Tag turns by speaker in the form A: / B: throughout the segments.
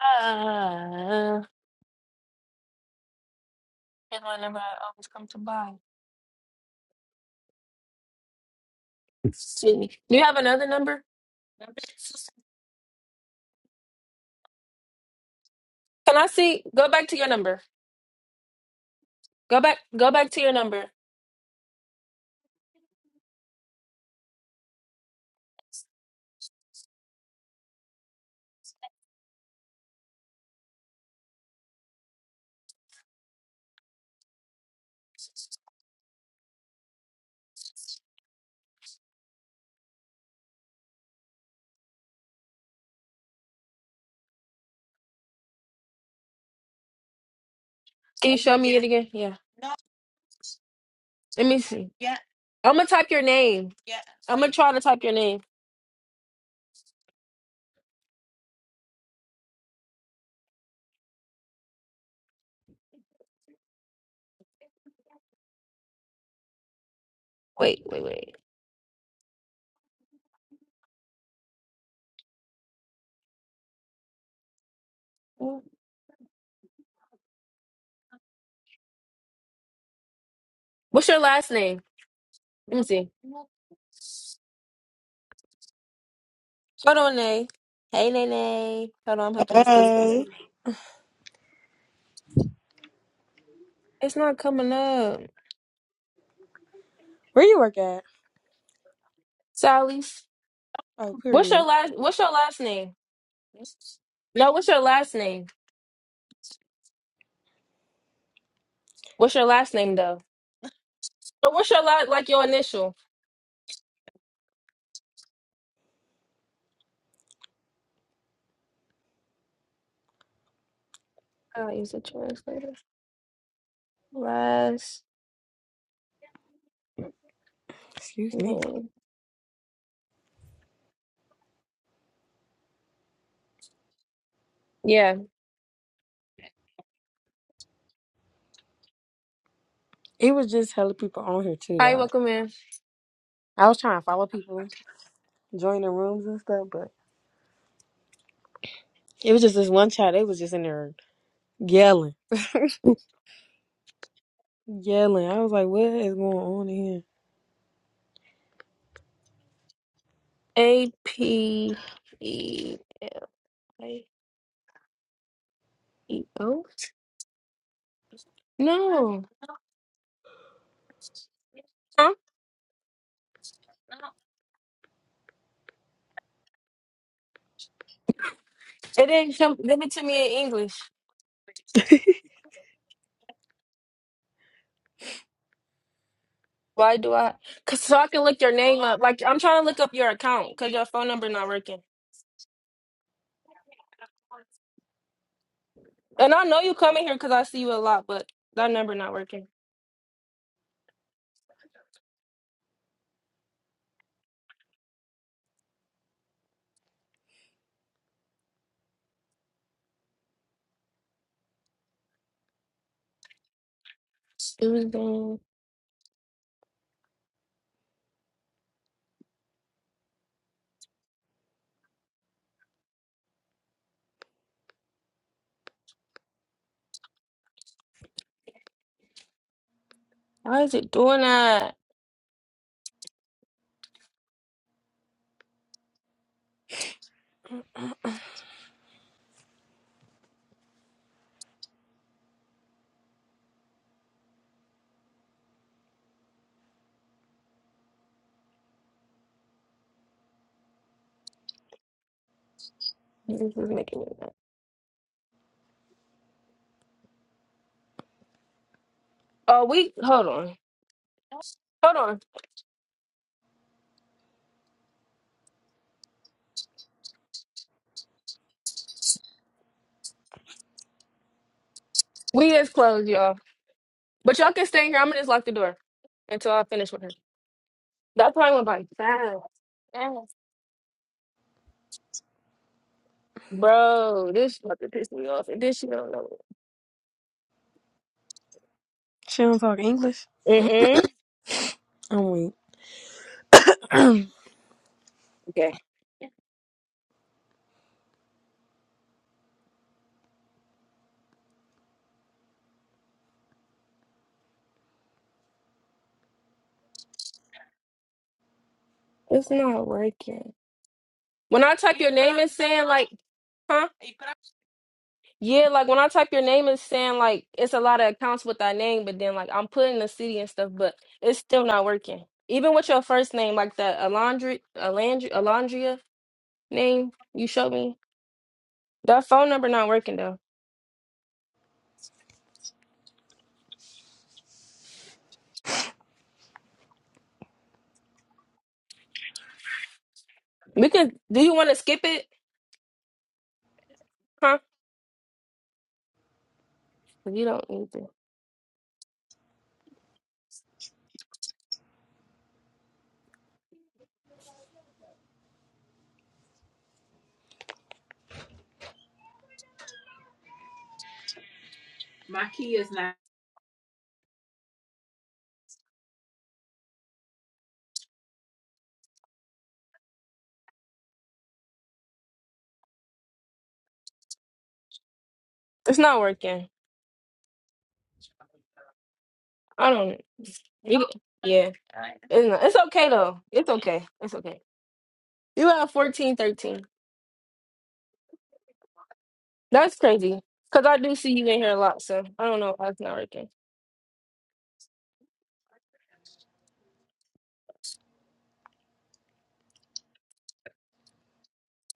A: Uh, and my number I always come to buy. See. Do you have another number? Can I see? Go back to your number. Go back. Go back to your number again. Yeah. Let me see. I'm gonna type your name. I'm gonna try to type your name. Wait, wait, wait. What's your last name? Let me see. Hold on, Nay. Hey, Nay, Nay. Hold on. I'm helping this customer.
B: Hey.
A: It's not coming up. Sally's.
B: Oh,
A: What's your
B: period.
A: last? What's your last name? No. What's your last name? What's your last name though? So what's your last, like your initial? I'll use a translator. Last
B: Excuse me.
A: name. Yeah.
B: It was just hella people on here too, though.
A: Hi,
B: Like,
A: welcome in.
B: I was trying to follow people, join the rooms and stuff, but it was just this one chat. They was just in there yelling, yelling. I was like, what is going on in
A: A P E I E O. No. Huh? It didn't come. Give it to me in English.
B: here?
A: Why do I? Cause so I can look your name up. Like I'm trying to look up your account because your phone number not working. And I know you coming here because I see you a lot, but that number not working. Susan, why is it doing that? This is making me mad. Oh, we hold on, hold on. We is closed, y'all. But y'all can stay here. I'm gonna just lock the door until I finish with her. That probably went by fast. fast. Bro, this fucking to me off. And this you don't know.
B: she don't talk English.
A: Mm-mm.
B: I'm weak.
A: Okay. It's not working. When I type your name it's saying like, huh? Yeah, like when I type your name it's saying like it's a lot of accounts with that name, but then like I'm putting the city and stuff, but it's still not working. Even with your first name, like the Alondri Alandri Alondria name you showed me. That phone number not working though. We can. Do you want to skip it? Huh? You don't need to. It's not working. I don't. You, yeah. It's, not, it's okay though. It's okay. It's okay. You have fourteen, thirteen. That's crazy. Cause I do see you in here a lot, so I don't know why it's not working.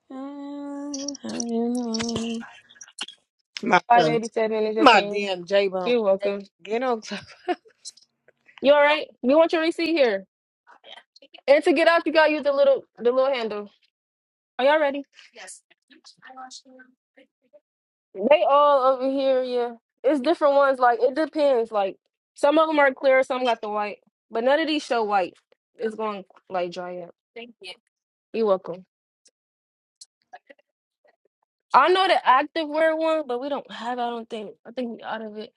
B: Uh, I don't know. my,
A: Five eighty seven is your
B: my
A: change.
B: damn J Bone.
A: You're welcome.
B: Get on.
A: You all right? You want your receipt here? And to get out, you gotta use the little the little handle. Are y'all ready? They all over here, yeah. It's different ones. Like it depends. Like some of them are clear, some got the white, but none of these show white. It's going like dry up. You're welcome. I know the active wear one, but we don't have. I don't think. I think we out of it.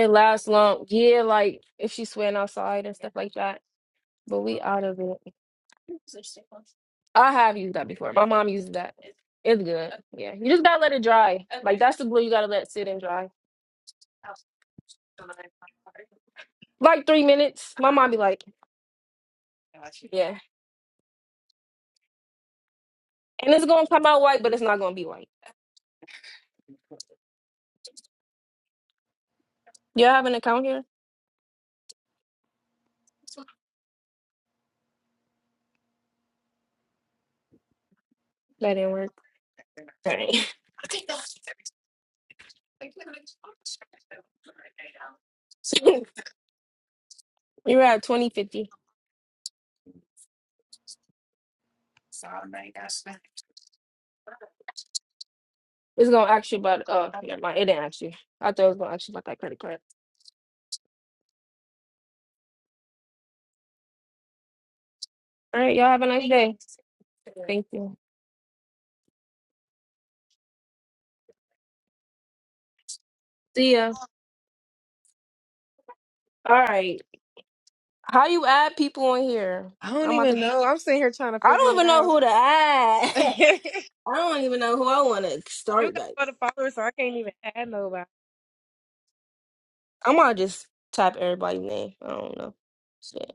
A: It lasts long. Yeah, like if she's sweating outside and stuff like that. But out of it. I have used that before. My mom uses that. It's good. Yeah, you just gotta let it dry. That's the glue you gotta let sit and dry. Like three minutes. My mom be like, yeah, and it's gonna come out white, but it's not gonna be white. You have an account here? That didn't work. Dang. you were at 2050. It's gonna ask you about uh never mind, it didn't ask you. I thought it was gonna ask you about that credit card. All right, y'all have a nice day. Thank you. See ya. All right. How you add people in here?
B: I don't
A: I'm about to
B: even know. I'm sitting here trying to
A: I
B: figure
A: don't
B: it
A: even know
B: out.
A: who to add.
B: you
A: I don't even know who I wanna start
B: got
A: back.
B: all the followers, so I can't even add nobody.
A: I'm gonna just type everybody's name. I don't know. Shit.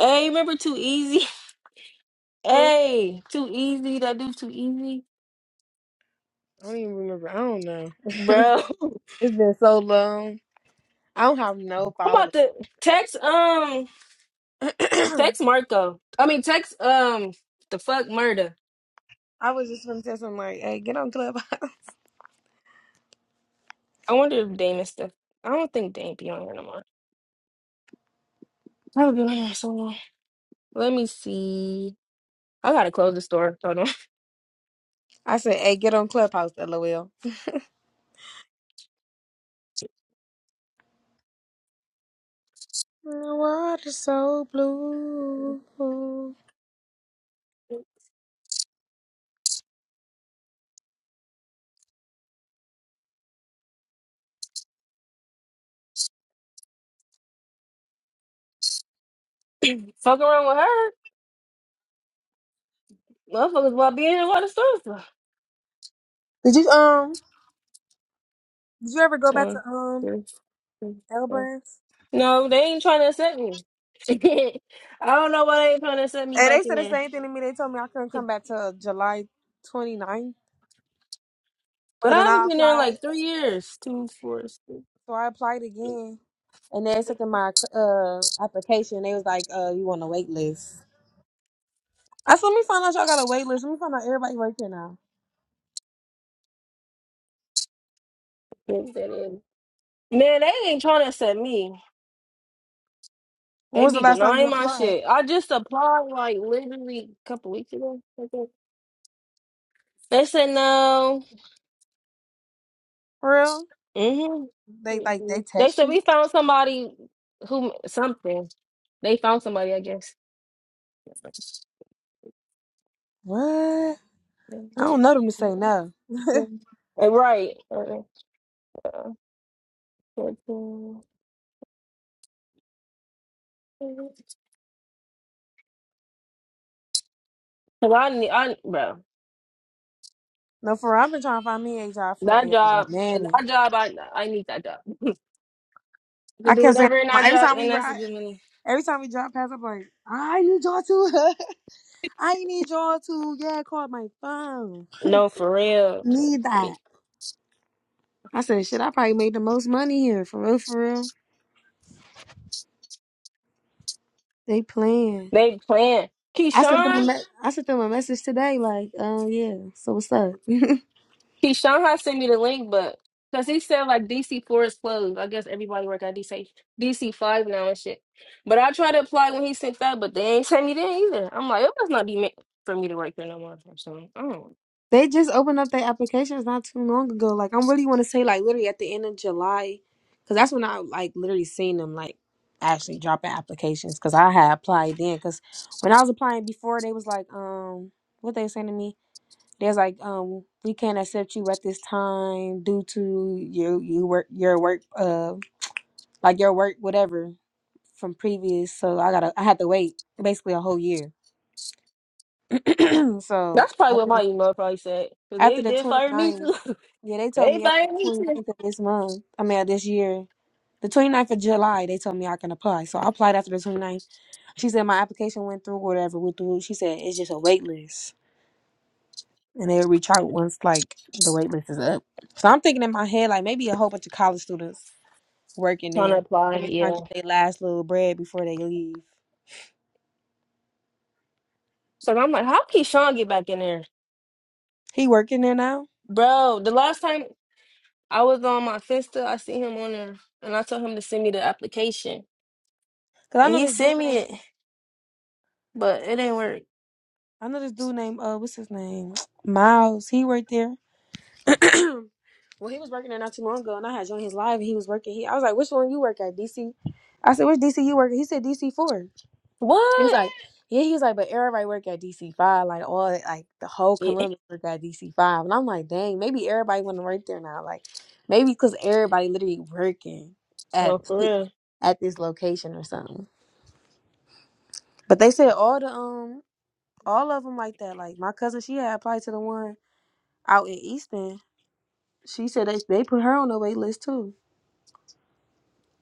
A: Hey, remember too easy? Hey, too easy. That dude too easy.
B: I don't even remember. I don't know.
A: Bro.
B: it's been so long. I don't have no
A: I'm
B: followers.
A: about to text um text
B: I
A: Marco. I mean text um the fuck murder.
B: was just gonna tell something like, "Hey, get on Clubhouse."
A: I wonder if Dame is still. I don't think Dame be on here no more. I haven't been on here so long. Let me see. I gotta close the store. Hold on.
B: I said, "Hey, get on Clubhouse." LOL. The water's so blue.
A: Fuck around with her. Motherfuckers about being in a lot of stores. though.
B: Did you um? Did you ever go back to
A: One,
B: um
A: two, three, four.
B: Elbrands?
A: No, they ain't trying to accept me. I don't know why they ain't trying to accept me
B: And
A: back
B: they
A: in
B: said the
A: there.
B: same thing to me. They told me I couldn't come back till July 29th.
A: But
B: So
A: I
B: then
A: haven't
B: I
A: been there in
B: applied.
A: like three years. Two, four, six,
B: So I applied again, and they accepted my uh application. They was like, "Uh, you on the wait list." I said, let me find out y'all got a wait list. Let me find out everybody work here now.
A: six, seven, eight. Man, they ain't trying to accept me.
B: When
A: They
B: was the
A: be
B: last time you
A: denying my
B: applied?
A: shit. I just applied like literally a couple weeks ago. I think. They said no.
B: For real?
A: hmm
B: They like they
A: They
B: text
A: said
B: you?
A: we found somebody who something. They found somebody, I guess.
B: What? I don't know them to
A: Mm-hmm.
B: say no.
A: Uh, Right. Uh, uh, fourteen. Cause I need, I bro,
B: No, for real. I've been trying to find me a job for
A: that
B: a
A: job,
B: minute.
A: that job, I I need that job. You can
B: I
A: do
B: kept saying
A: whatever in that
B: every
A: job,
B: time we
A: and that's a
B: ride,
A: good money.
B: every time we drive past, I'm like, I need y'all too. I need y'all too. Yeah, call my phone.
A: No, for real.
B: Need that. I said, shit, I probably made the most money here. For real, for real. They playing.
A: They playing.
B: I sent them a
A: Keyshawn,
B: me- I sent them a message today, like, uh, yeah. So what's up?
A: Keyshawn had sent me the link, but because he said like DC four is closed. I guess everybody work at DC DC five now and shit. But I tried to apply when he sent that, but they ain't sent me there either. I'm like, it must not be meant for me to work there no more or something. I don't know.
B: They just opened up their applications not too long ago. Like I'm really want to say like literally at the end of July, because that's when I like literally seen them like actually dropping applications. Because I had applied then. Because when I was applying before, they was like, um, what they saying to me? They was like, um, we can't accept you at this time due to your you work your work uh like your work whatever from previous. So I gotta I had to wait basically a whole year. so
A: That's probably what
B: after
A: my email probably said. Because
B: after
A: they
B: the
A: did fire me
B: 29th.
A: too.
B: Yeah, they told
A: they
B: me after
A: fired
B: the
A: me too.
B: 29th of this month, I mean, of this year, the 29th of July, they told me I can apply. So I applied after the 29th. She said my application went through, whatever went through. She said it's just a wait list. And they'll reach out once, like, the wait list is up. So I'm thinking in my head, like, maybe a whole bunch of college students working
A: Trying to
B: there.
A: apply,
B: And they're trying
A: yeah.
B: to get their last little bread before they leave.
A: So I'm like, how Keyshawn get back in there?
B: He working there now?
A: Bro, the last time I was on my Finsta, I see him on there and I told him to send me the application.
B: Because I
A: And
B: know
A: he
B: this dude
A: sent me
B: named,
A: it, but it ain't work.
B: I know this dude named, uh, what's his name? Miles. He worked there. well, he was working there not too long ago, and I had joined his live, and he was working. He, I was like, "Which one you work at, DC?" I said, "Which DC you work?" at?" He said, "DC 4." He was
A: What?
B: like, "Yeah." He was like, "But everybody work at DC five, like all like the whole
A: Yeah.
B: Columbus work at DC five." And I'm like, "Dang, maybe everybody want to work there now, like maybe because everybody literally working
A: No,
B: at
A: for
B: th-
A: real.
B: at this location or something." But they said all the um all of them like that. Like my cousin, she had applied to the one out in Easton. She said they they put her on the wait list too.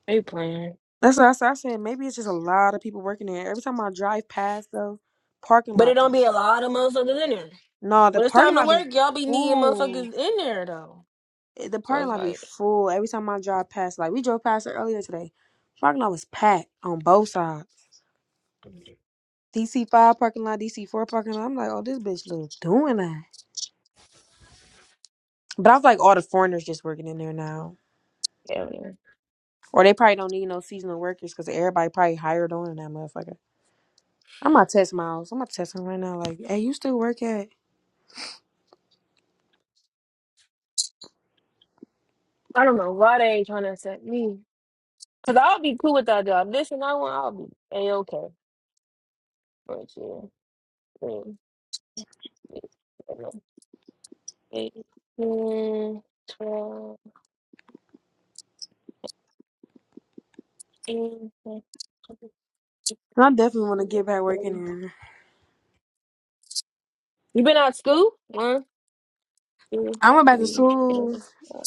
A: They playing.
B: That's what I said. I said maybe it's just a lot of people working there. Every time I drive past the parking
A: But it
B: lot, be-
A: don't be a lot of motherfuckers in there.
B: no, the
A: When it's time
B: parking
A: to
B: lot be
A: work, y'all be needing
B: full.
A: motherfuckers in there though.
B: Eh, The
A: So
B: parking
A: it's
B: lot be
A: like,
B: full. Every time I drive past, like we drove past it earlier today, parking lot was packed on both sides. DC five parking lot, DC four parking lot. I'm like, oh, this bitch little doing that. But I was like all the foreigners just working in there now,
A: hell yeah. man.
B: or they probably don't need no seasonal workers because everybody probably hired on in that motherfucker. I'm gonna test Miles. I'm gonna test him right now. Like, hey, you still work at?
A: I don't know why they ain't trying to accept me. Cause I'll be cool with that job. This and that one, I'll be a okay. But yeah. mm, yeah, I don't know. Eight, mm, 12, eighteen, nineteen, twenty,
B: And I definitely want to
A: twenty-one,
B: get back
A: thirty.
B: working there.
A: You been out of school? One, two,
B: I went back to
A: three, four.
B: school.
A: five.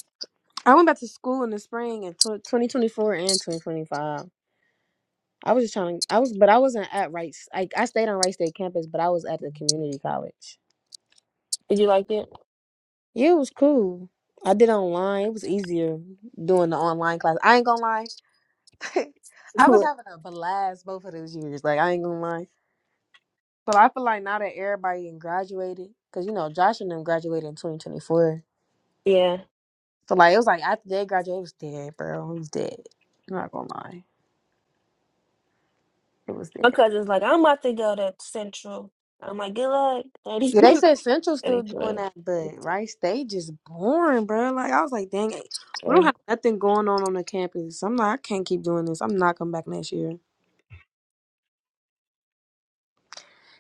B: I went back to school in the spring in tw- 2024 and 2025. I was just trying to, I was, but I wasn't at Rice. I, I stayed on Rice State campus, but I was at the community college.
A: Did you like it?
B: Yeah, it was cool. I did online. It was easier doing the online class. I ain't gonna lie. I was having a blast both of those years. Like, I ain't gonna lie. But I feel like now that everybody done graduated, because, you know, Josh and them graduated in 2024.
A: yeah.
B: So, like, it was like after they graduated, it was dead, bro. It was dead. I'm not gonna lie. It was
A: My
B: dead.
A: cousin's like, I'm about to go to Central. I'm like, good luck.
B: Yeah, they
A: anyway.
B: said Central still doing
A: Anyway.
B: that, but Rice they just boring, bro. Like I was like, dang, it, we don't have
A: Tell
B: nothing going on on the campus. I'm like, I can't keep doing this. I'm not coming back next year.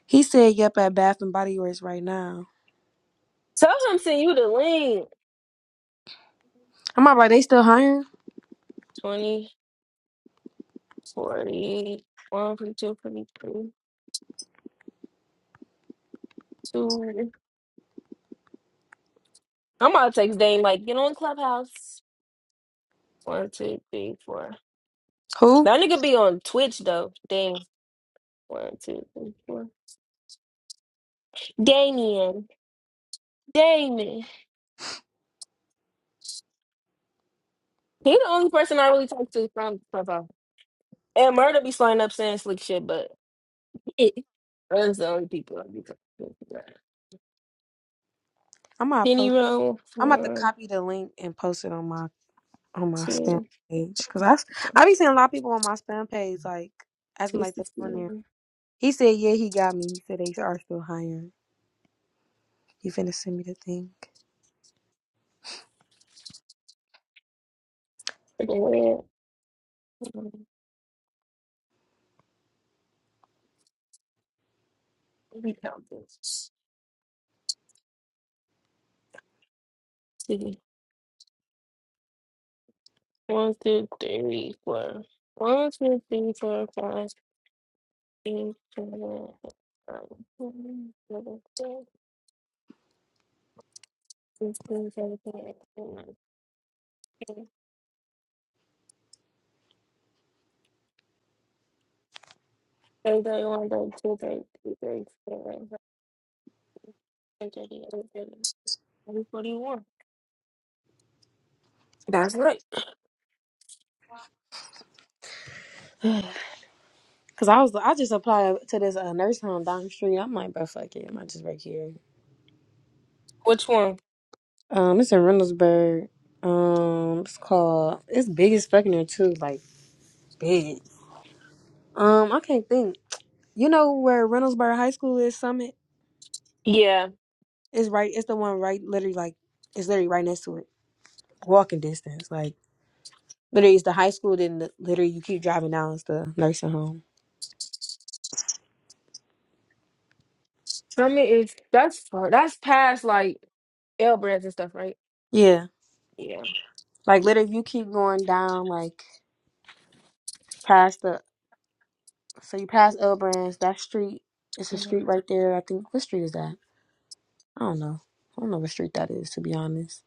B: He said, "Yep, at Bath and Body Works right now."
A: him send you the link.
B: I'm like, they still hiring?
A: Twenty, forty, one, forty-two, forty-three, 2. I'm about to text Dane, like, get on Clubhouse. One, two, three, four.
B: Who?
A: That nigga be on Twitch, though. Dane. One, two, three, four. Damien. Damien. He the only person I really talk to from Clubhouse. And Murder be sliding up saying slick shit, but Hey, Those the only people i be talking to.
B: I'm gonna
A: Penny
B: post.
A: Roll,
B: I'm about to
A: one,
B: copy the link and post it on my on my spam
A: two,
B: page because I s- I be seeing a lot of people on my spam page like acting
A: two
B: like they're on there.
A: sixty-one.
B: He said, "Yeah, he got me." He said they are still hiring. He finna send me the thing.
A: Second round, um, we count this. See, one, two, three, four. One, two, three, four, five, six, seven, eight, nine, ten, eleven, twelve, thirteen, fourteen, fifteen, sixteen, seventeen, eighteen, nineteen, twenty, twenty-one, twenty-two, twenty-three, twenty-four, twenty-five, twenty-six, twenty-seven, twenty-eight, twenty-nine, thirty, thirty-one. thirty-two, thirty-three, thirty-four, thirty-five, thirty-six, thirty-seven, thirty-eight, thirty-nine, forty-one. That's right.
B: Cause I was I just applied to this uh, nurse home down the street. I'm like, bro, fuck it, I might just work here.
A: Which one?
B: Um, it's in Reynoldsburg. Um, it's called it's big as fucking there too, like big. Um, I can't think. You know where Reynoldsburg High School is? Summit
A: Yeah.
B: is right. It's the one right, literally like it's literally right next to it, walking distance. Like literally, it's the high school. Then the, literally, you keep driving down, it's the nursing home.
A: I mean, it's that's far. That's past like L brands and stuff, right?
B: Yeah,
A: Yeah.
B: like literally, if you keep going down, like. past the. So you pass L Brands, that street, it's a street right there. I think what street is that? I don't know. I don't know what street that is to be honest.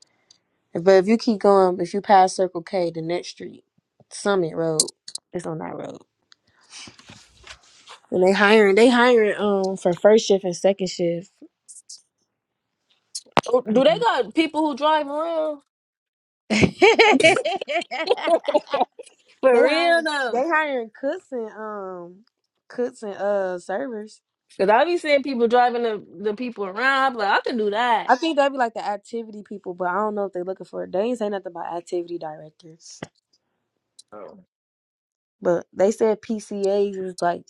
B: But if you keep going, if you pass Circle K, the next street, Summit Road, it's on that road. And they hiring, they hiring um for first shift and second shift.
A: Oh, Do they
B: Um,
A: got people who drive around?
B: they
A: For real
B: hiring,
A: though,
B: they hiring cooks and um cooks and uh servers.
A: because I be seeing people driving the, the people around. I'm like, I can do that.
B: I think that'd be like the activity people, but I don't know if they're looking for. it. They ain't say nothing about activity director.
A: Oh.
B: But they said PCAs is like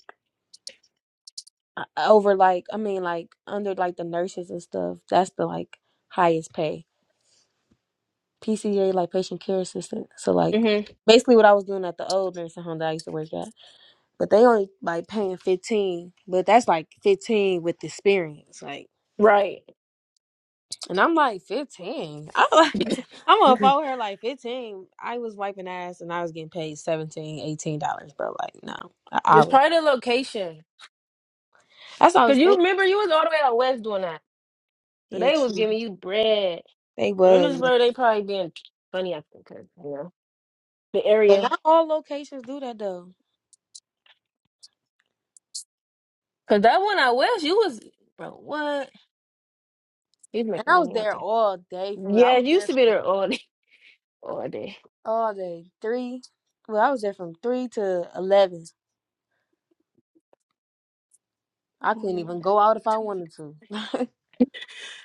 B: uh, over like I mean like under like the nurses and stuff. That's the like highest pay. PCA like patient care assistant. So like
A: hmm
B: basically what I was doing at the old nursing home that I used to work at. But they only like paying fifteen. But that's like fifteen with experience. Like
A: Right.
B: and I'm like fifteen. I'm like I'm gonna follow her like 15. I was wiping ass and I was getting paid 17, 18 dollars, bro. Like, no, I, I
A: It's
B: was.
A: probably the location.
B: That's what I
A: Cause
B: was
A: you
B: thinking.
A: remember you was all the way out west doing that, so
B: Yeah,
A: they was
B: true.
A: giving you bread.
B: They was.
A: Reynoldsburg, they probably being funny I think, 'cause, you know the
B: But
A: area.
B: not all locations do that though.
A: Cause that one out west, you was bro. What? You was
B: And
A: making
B: I was
A: money out
B: there
A: there.
B: all day for real. I
A: Yeah, it
B: was
A: used
B: there
A: to be there all day. All day.
B: all day. Three well, I was there from three to eleven. I couldn't even go out if I wanted to.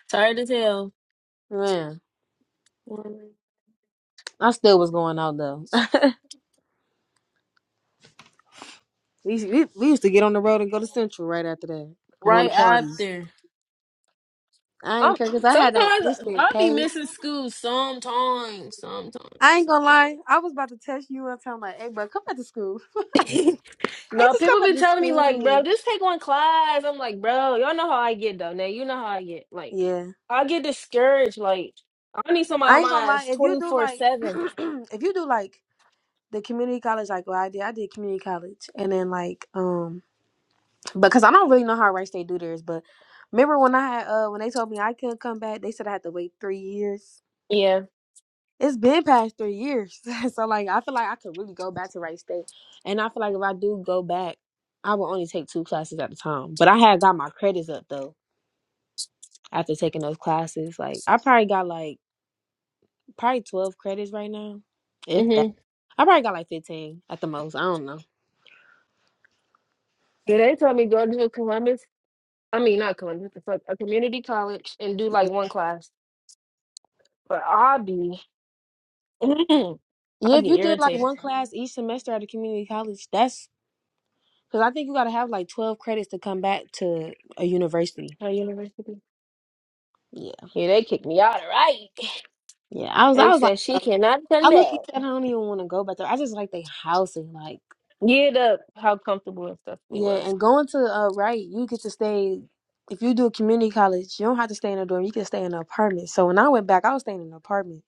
A: Tired as hell.
B: Man, I still was going out though. we, used- we, we used to get on the road and go to Central right after that. Going
A: Right
B: to parties.
A: after.
B: I
A: I'm,
B: ain't care because I had that
A: sometimes
B: instant
A: I'll be
B: pay.
A: missing school. Sometimes. Sometimes.
B: I ain't gonna lie. I was about to text you and tell like, hey, bro, come back to school. hey,
A: Sometimes. no,
B: just come
A: people
B: back
A: be
B: to
A: telling me like, bro,
B: school.
A: just take one class. I'm like, bro, y'all know how I get though. Now you know how I get. Like,
B: Yeah.
A: I get discouraged. Like, I need somebody
B: I
A: on
B: ain't gonna
A: my
B: lie.
A: ass
B: If you
A: twenty
B: do
A: four
B: like,
A: seven.
B: if you do like the community college like well I did I did community college and then like um because I don't really know how Rice State do theirs but remember when I had uh when they told me I couldn't come back they said I had to wait three years
A: Yeah.
B: it's been past three years so like I feel like I could really go back to Rice State and I feel like if I do go back I will only take two classes at a time but I had got my credits up though after taking those classes like I probably got like probably twelve credits right now if that
A: hmm
B: I probably got like fifteen at the most I don't know
A: Yeah, they told me go to Columbus I mean, not Columbia, what the fuck, a community college and do like one class. But I'll be, I'll
B: Yeah, if
A: get
B: you did like
A: irritated.
B: one class each semester at a community college, that's because I think you got to have like twelve credits to come back to a university.
A: Her university.
B: Yeah,
A: Yeah, they kicked me out, all right?
B: yeah. I was, I
A: They
B: was like,
A: said she
B: bro,
A: cannot come
B: I
A: back.
B: look at that. I don't even want to go back there. I just like the housing, like
A: Get up, how comfortable and stuff we was.
B: yeah. And going to uh, right, you get to stay. If you do a community college, you don't have to stay in a dorm. You can stay in an apartment. So when I went back, I was staying in an apartment.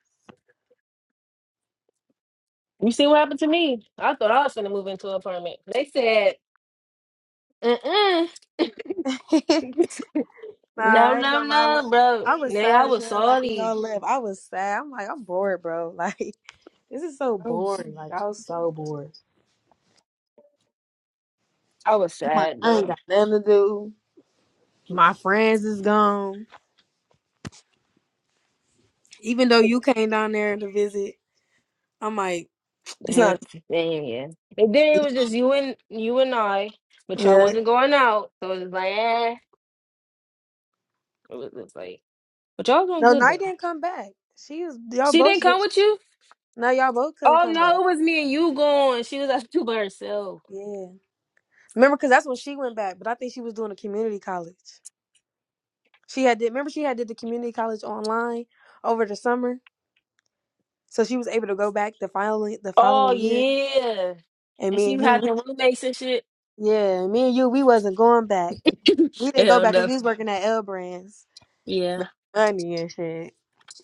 A: You see what happened to me? I thought I was gonna move into an apartment. They said, mm-mm.
B: nah,
A: no,
B: I ain't
A: no,
B: gonna lie. I look-
A: no, bro.
B: I was
A: Nay, I
B: sad as
A: was
B: hell. I think
A: sorry.
B: y'all left. I was sad. I'm like, I'm bored, bro. Like. This is so
A: I was
B: boring. Like I was so bored.
A: I was
B: Like,
A: sad,
B: I
A: though.
B: ain't got nothing to do. My friends is gone. Even though you came down there to visit, I'm like,
A: It's
B: damn.
A: not the same, yeah. And then it was just you and you and I, but y'all
B: Yeah.
A: wasn't going out, so it was like eh. It was just like, but y'all was doing
B: No,
A: good
B: Night
A: though.
B: didn't come back. She was y'all
A: She
B: both.
A: didn't come with you.
B: No, y'all both couldn't
A: Oh
B: come back.
A: no, it was me and you going. She was out two by herself.
B: Yeah. Remember, because that's when she went back. But I think she was doing a community college. She had did. Remember, she had did the community college online over the summer, so she was able to go back the following the
A: Oh
B: following year.
A: yeah,
B: And
A: and
B: me
A: she
B: and you,
A: had
B: we-
A: the roommates and shit.
B: yeah, me and you, we wasn't going back. We didn't go
A: Hell
B: back because
A: no.
B: we was working at L Brands.
A: Yeah.
B: make money and shit.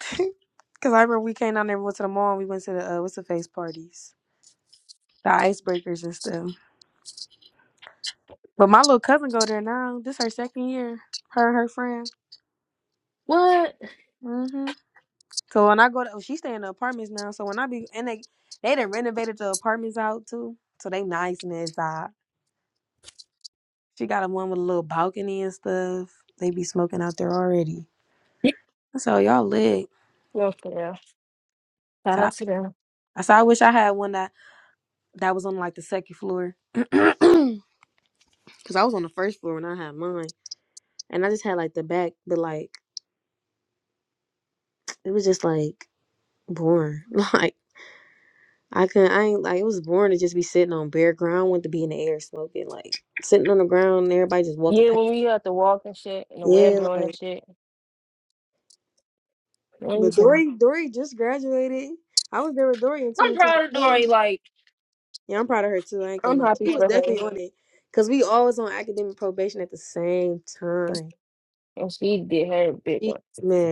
B: Cause I remember we came down there, we went to the mall, and we went to the uh, what's the face parties, the icebreakers and stuff. But my little cousin go there now. This her second year. Her and her friend.
A: What?
B: hmm So when I go to, oh, she stay in the apartments now. So when I be and they they done renovated the apartments out too, so they nice and inside. She got a one with a little balcony and stuff. They be smoking out there already. So y'all lit.
A: No for real. Shout
B: So
A: out to
B: I,
A: them.
B: so I wish I had one that that was on like the second floor. Cause I was on the first floor when I had mine, and I just had like the back, but like it was just like boring. Like I couldn't, I ain't like it was boring to just be sitting on bare ground. I wanted to be in the air smoking, like sitting on the ground and everybody just walking
A: Yeah,
B: past.
A: when we had to walk and shit, and the wind
B: Yeah,
A: blowing and
B: like
A: shit. Let me
B: but
A: see.
B: Dory, Dory just graduated. I was there with Dory in
A: I'm proud of
B: 2024.
A: Dory. Like
B: Yeah, I'm proud of her too. I ain't
A: I'm
B: gonna lie,
A: happy
B: she was
A: for her.
B: definitely on it. Cause we always on academic probation at the same time.
A: And she did her big
B: She-
A: one.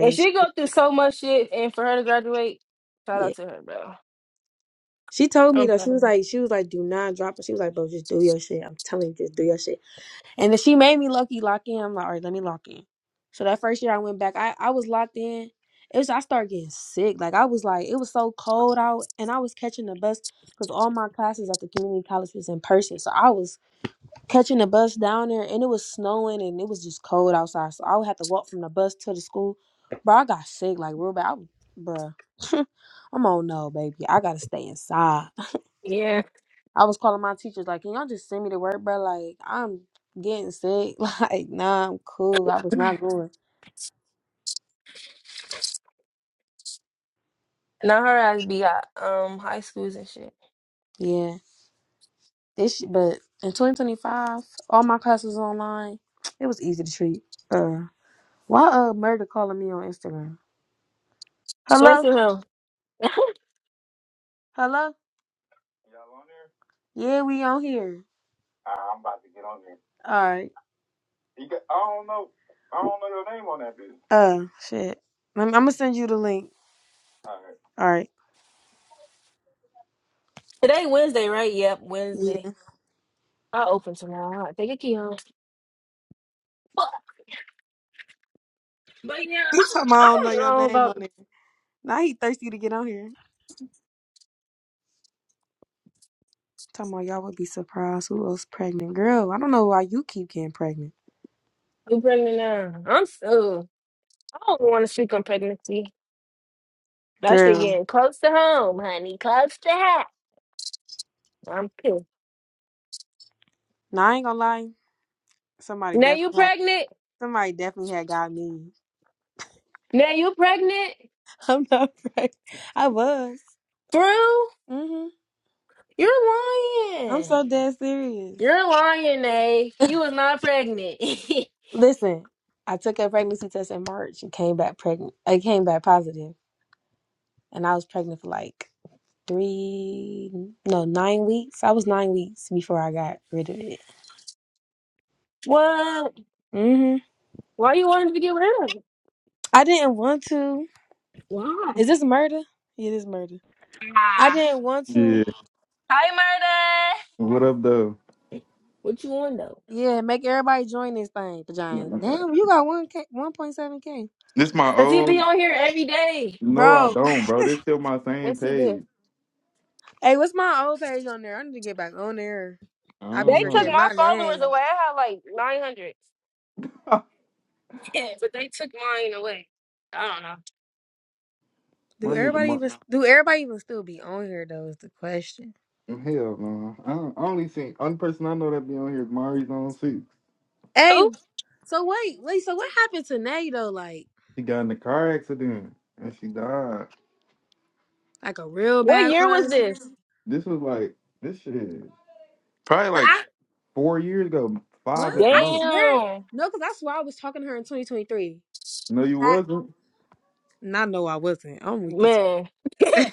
A: And
B: sh-
A: she go through so much shit, and for her to graduate, shout out to her, bro.
B: She told me
A: I'm
B: though, she
A: proud of
B: was
A: her.
B: like, she was like, do not drop it. She was like, bro, just do your shit. I'm telling you, just do your shit. And then she made me lucky lock in. I'm like, all right, let me lock in. So that first year I went back, I, I was locked in. It was I started getting sick. Like I was like, it was so cold out, and I was catching the bus because all my classes at the community college was in person. So I was catching the bus down there, and it was snowing, and it was just cold outside. So I would have to walk from the bus to the school. Bro, I got sick like real bad. I, bruh, I'm on no baby. I gotta stay inside.
A: Yeah.
B: I was calling my teachers like, can y'all just send me to work, bro? Like, I'm getting sick. Like, nah, I'm cool. I was not going.
A: Now her ass be got um high schools and shit.
B: Yeah, this. But in 2025, all my classes online. It was easy to treat. Uh, why uh murder calling me on Instagram?
A: Straight
B: Hello,
A: through him.
B: hello. Yeah, we on here. All right. Uh, shit. I'm, I'm gonna send you the link. All right.
A: Today Wednesday, right? Yep, Wednesday.
B: Yeah.
A: I open tomorrow. I take a key home. But, but yeah,
B: He told me
A: I'm, I
B: I don't know
A: don't
B: your
A: know
B: name on
A: about
B: there. Now he thirsty to get on here. Talking about y'all would be surprised who else pregnant. Girl, I don't know why you keep getting pregnant.
A: who pregnant now. I'm so I don't want to speak on pregnancy. That shit
B: Girl.
A: getting close to home, honey. Close to home. I'm pissed.
B: Now I ain't gonna lie. Somebody
A: Now you
B: definitely had
A: pregnant?
B: somebody definitely had got me.
A: Now you pregnant?
B: I'm not pregnant. I was.
A: Through?
B: hmm
A: You're
B: I'm
A: lying.
B: so dead serious.
A: You're lying, Nay. You was not pregnant.
B: Listen, I took a pregnancy test in March and came back pregnant. I came back positive, And I was pregnant for like three no, nine weeks. I was nine weeks before I got rid of it.
A: what?
B: hmm
A: Why you wanted to get rid of it?
B: I didn't want to.
A: Why?
B: Is this murder? Yeah, It is murder. I
A: Ah.
B: didn't want to.
C: Yeah.
A: Hi, murder.
C: What up, though?
A: What you want though?
B: Yeah, make everybody join this thing, Jane.
C: Okay.
B: Damn, you got one k, one point seven k,
C: This my
A: Cause he be
C: old.
A: on here every day.
C: No, I
B: bro.
C: don't, bro. This still my same
A: Yes, he do.
C: page.
B: Hey, what's my old page on there? I need to get back on there.
C: I
B: I be
C: don't
A: They
C: know.
A: took
B: forgetting
A: my
B: my
A: followers
B: name.
A: away. I had like 900. Yeah, but they took mine away. I don't know.
C: my
B: Do
C: nigga,
B: everybody
C: Mar-
B: even do everybody even still be on here though? Is the question.
C: hell no. I, don't, I only seen only person I know that be on here is Mari's on six.
B: Hey,
A: Who?
B: so wait, wait. So what happened to Nay though? Like,
C: She got in a car accident and she died.
B: like a real
A: What
B: bad
A: year
B: car
A: was this?
B: accident?
C: This was like this shit is probably
B: 'Cause
C: like
B: I
C: four years ago,
B: what?
C: five at the
B: I
C: most.
B: swear,
A: Damn,
B: no, because I swear I was talking to her in 2023.
C: No, you
B: I,
C: wasn't.
B: and I know I wasn't. I'm weak as
A: man.
B: That's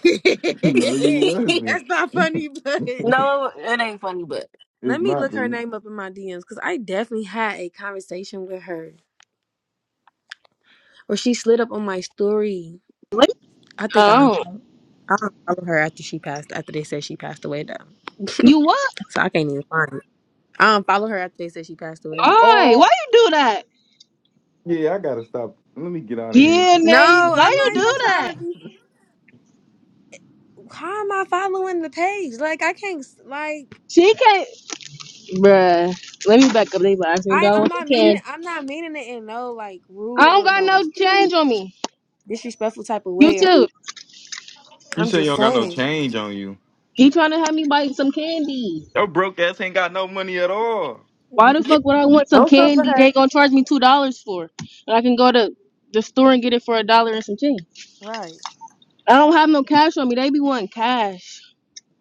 C: no, you wasn't.
B: not funny, but
A: no, it ain't funny, but
B: let
C: It's
B: me
C: not,
B: look her
C: dude.
B: name up in my DMs because I definitely had a conversation with her, or she slid up on my story.
A: What?
B: I think I
A: oh,
B: unfollowed. I unfollowed her after she passed. After they said she passed away, though,
A: You what?
B: so I can't even find it. I unfollowed her after they said she passed away.
A: Why? Why
C: Oh,
A: you do that?
C: yeah. I gotta stop. Let me get out of here.
A: Yeah, Nate.
B: No,
A: Why
B: I'm
A: you
B: not
A: do
B: even trying
A: that?
B: to be. How am I following the page? Like I can't. s- Like
A: She can't. Bruh. Let me back up. They ask me,
B: I,
A: dog,
B: I'm
A: what
B: not
A: you
B: meaning
A: can.
B: it. I'm not meaning it in no like
A: I
B: rude
A: don't
B: or
A: got
B: no
A: no change on me.
B: disrespectful type of
A: You
B: way
A: too.
C: You
B: I'm
C: say you
B: just
C: don't got no
B: saying.
C: change on you.
A: He trying to have me buy some candy.
C: Your broke ass ain't got no money at all.
A: Why the
B: Yeah,
A: fuck would I want some
B: Don't come for
A: candy? They
B: her.
A: gonna charge me two dollars for, and I can go to the store and get it for a dollar and some change.
B: Right.
A: I don't have no cash on me. They be wanting cash.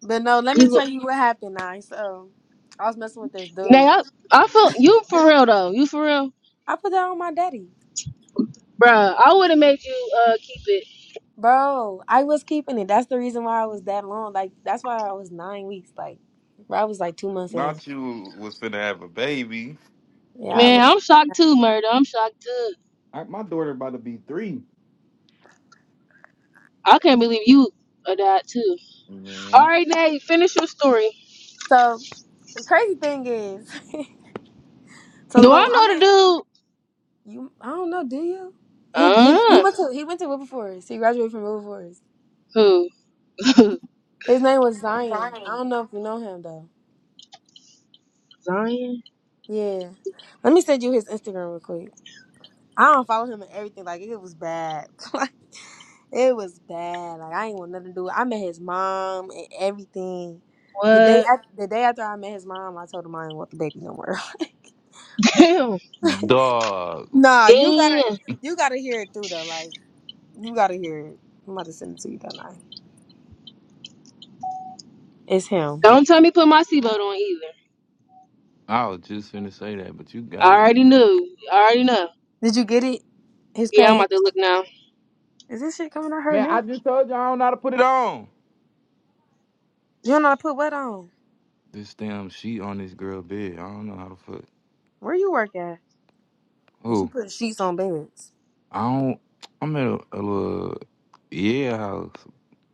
B: But no, let me
A: These wa-
B: tell you what happened, I so I was messing with this
A: Nate,
B: dude.
A: I, I feel you for real though. You for real,
B: I put that on my daddy.
A: bruh. I would have made you uh keep it.
B: Bro, I was keeping it. That's the reason why I was that long. Like that's why I was nine weeks. Like bro, I was like two months in.
C: Not you was finna have a baby.
B: Yeah, I
A: Man,
B: was.
A: I'm shocked too, murder. I'm shocked too.
C: I, my daughter about to be three.
A: I can't believe you are that too. All
C: Man.
A: right, Nate, finish your story.
B: So the crazy thing is So
A: Do
B: boom,
A: I
B: I met
A: know
B: you I don't know, do you? He, he he went
A: the
B: to he went to Wilberforce. He graduated from Wilberforce.
A: dude? Uh, who?
B: His name was Zion. I don't know if you know him though.
A: Zion?
B: Yeah. Let me send you his Instagram real quick. I don't follow him and everything. Like it was bad. like it was bad. Like I ain't want nothing to do. with it. I met his mom and everything. The day
A: What?
B: after, the day after I met his mom, I told him I didn't want the baby no more.
A: Damn.
C: Dog.
B: nah, you gotta
A: Damn.
B: you gotta hear it through though. Like you gotta hear it. I'm about to send it to you, don't I? It's him.
A: Don't tell me put my seatbelt on either.
C: I was just finna say that, but you got
A: I
C: it.
A: already knew. I already know.
B: Did you get it? His
A: Yeah, I'm
B: page.
A: about to look now.
B: Is this shit coming out her
C: Man, I
B: now?
C: just told you I don't know how to put it on.
B: You don't know I put what on?
C: This damn sheet on this girl bed. I don't know how to fuck.
B: Where you work at? And she
C: Oh,
B: put sheets on beds.
C: I don't. I'm in a, a little yeah house.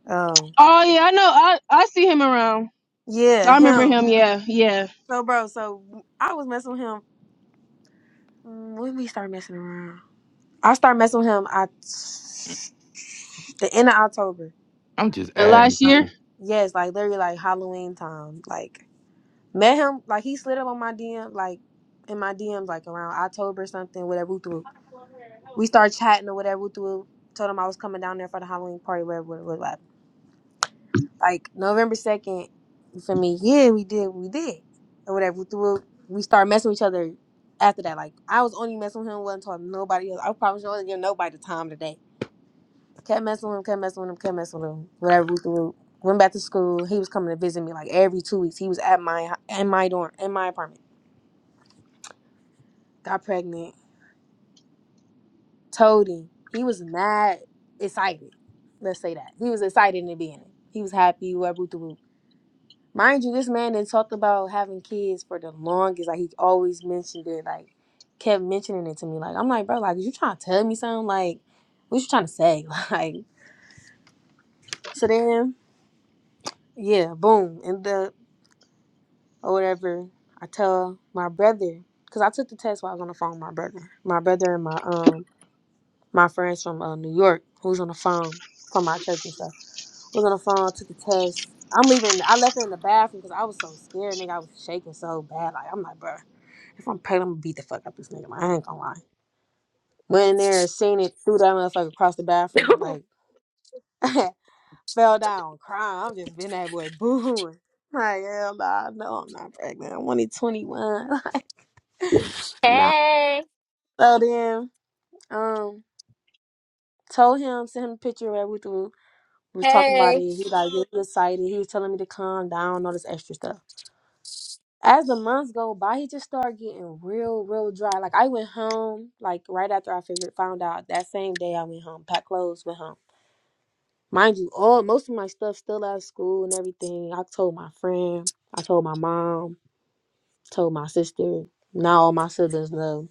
B: Oh.
A: Oh yeah, I know. I I see him around.
B: Yeah,
A: I remember
B: him.
A: him. Yeah, yeah.
B: So, bro, so I was messing with him mm, when we start messing around. I started messing with him I the end of October.
C: I'm just
A: The
C: adding
A: last
B: Like,
A: year.
C: people.
B: yes, like literally like Halloween time. Like, met him, like he slid up on my DM, like in my DMs, like around October or something, whatever. We threw. We started chatting or whatever. We threw. Told him I was coming down there for the Halloween party, whatever, whatever, Like November second, for me, yeah, we did, what we did, or whatever. We, threw, we started messing with each other after that. Like I was only messing with him, wasn't talking to nobody else. I promise you, I wasn't giving nobody the time today. Kept messing with him, kept messing with him, kept messing with him. Whatever. We threw, went back to school. He was coming to visit me like every two weeks. He was at my in my dorm, in my apartment. Got pregnant. Told him he was mad excited. Let's say that he was excited in the beginning. He was happy. Whatever. Mind you, this man then talked about having kids for the longest. Like he always mentioned it, like kept mentioning it to me. Like I'm like, bro, like is you trying to tell me something? Like what you trying to say? Like so then, yeah, boom, end up or whatever. I tell my brother because I took the test while I was on the phone. With my brother, my brother and my um my friends from uh, New York who's on the phone from my church and stuff was on the phone. Took the test. I'm leaving. I left it in the bathroom because I was so scared, nigga. I was shaking so bad. Like I'm like, bro. If I'm pregnant, I'm gonna beat the fuck up this nigga. man. I ain't gonna lie. Went in there, seen it, threw that motherfucker across the bathroom, like fell down, crying. I'm just been that boy booing. Like, hell nah, no, I'm not pregnant. I'm only 21. Like, nah.
A: hey,
B: So then, um, told him, sent him a picture of everything. We was talking about
A: hey.
B: it. He like, really excited. He was telling me to calm down, all this extra stuff. as the months go by, he just started getting real, real dry. Like I went home, like right after I figured found out that same day I went home, packed clothes, went home. Mind you, all most of my stuff still out of school and everything. I told my friend, I told my mom, told my sister. Now all my siblings know.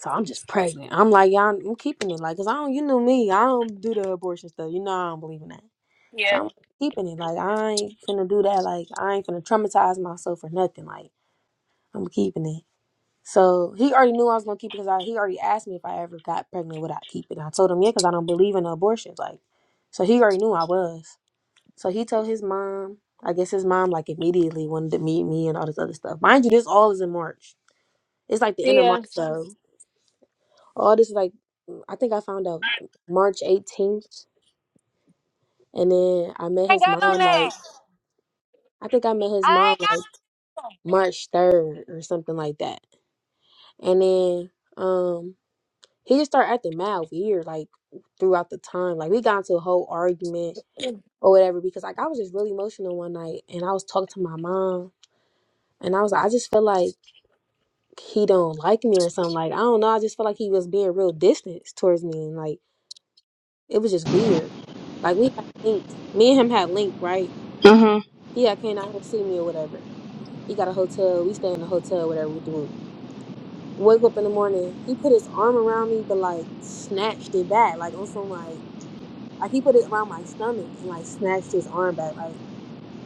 B: So I'm just pregnant. I'm like, y'all, I'm keeping it. Like, cause I don't, you know me, I don't do the abortion stuff. You know I don't believe in that. So
A: Yeah.
B: I'm keeping it. Like I ain't finna do that. Like I ain't finna traumatize myself or nothing. Like I'm keeping it. So he already knew I was gonna keep it because I, he already asked me if I ever got pregnant would I keep it. And I told him yeah because I don't believe in abortions. Like, so he already knew I was. So he told his mom. I guess his mom like immediately wanted to meet me and all this other stuff. Mind you, this all is in March. It's like the end of March
A: Yeah. I
B: though. All this like I think I found out March 18th, and then I met
A: ain't
B: his
A: got no
B: mom like
A: name.
B: I think I met his
A: I
B: mom like
A: ain't
B: March 3rd or something like that. And then um he just started acting mad weird like throughout the time like we got into a whole argument or whatever because like i was just really emotional one night and i was talking to my mom and i was like i just feel like he don't like me or something like i don't know i just felt like he was being real distant towards me and like it was just weird like we had linked me and him had linked right
A: got Uh
B: he had came out here to see me or whatever he got a hotel we stay in a hotel whatever with the group wake up in the morning he put his arm around me but like snatched it back like on some like Like he put it around my stomach and like snatched his arm back. Like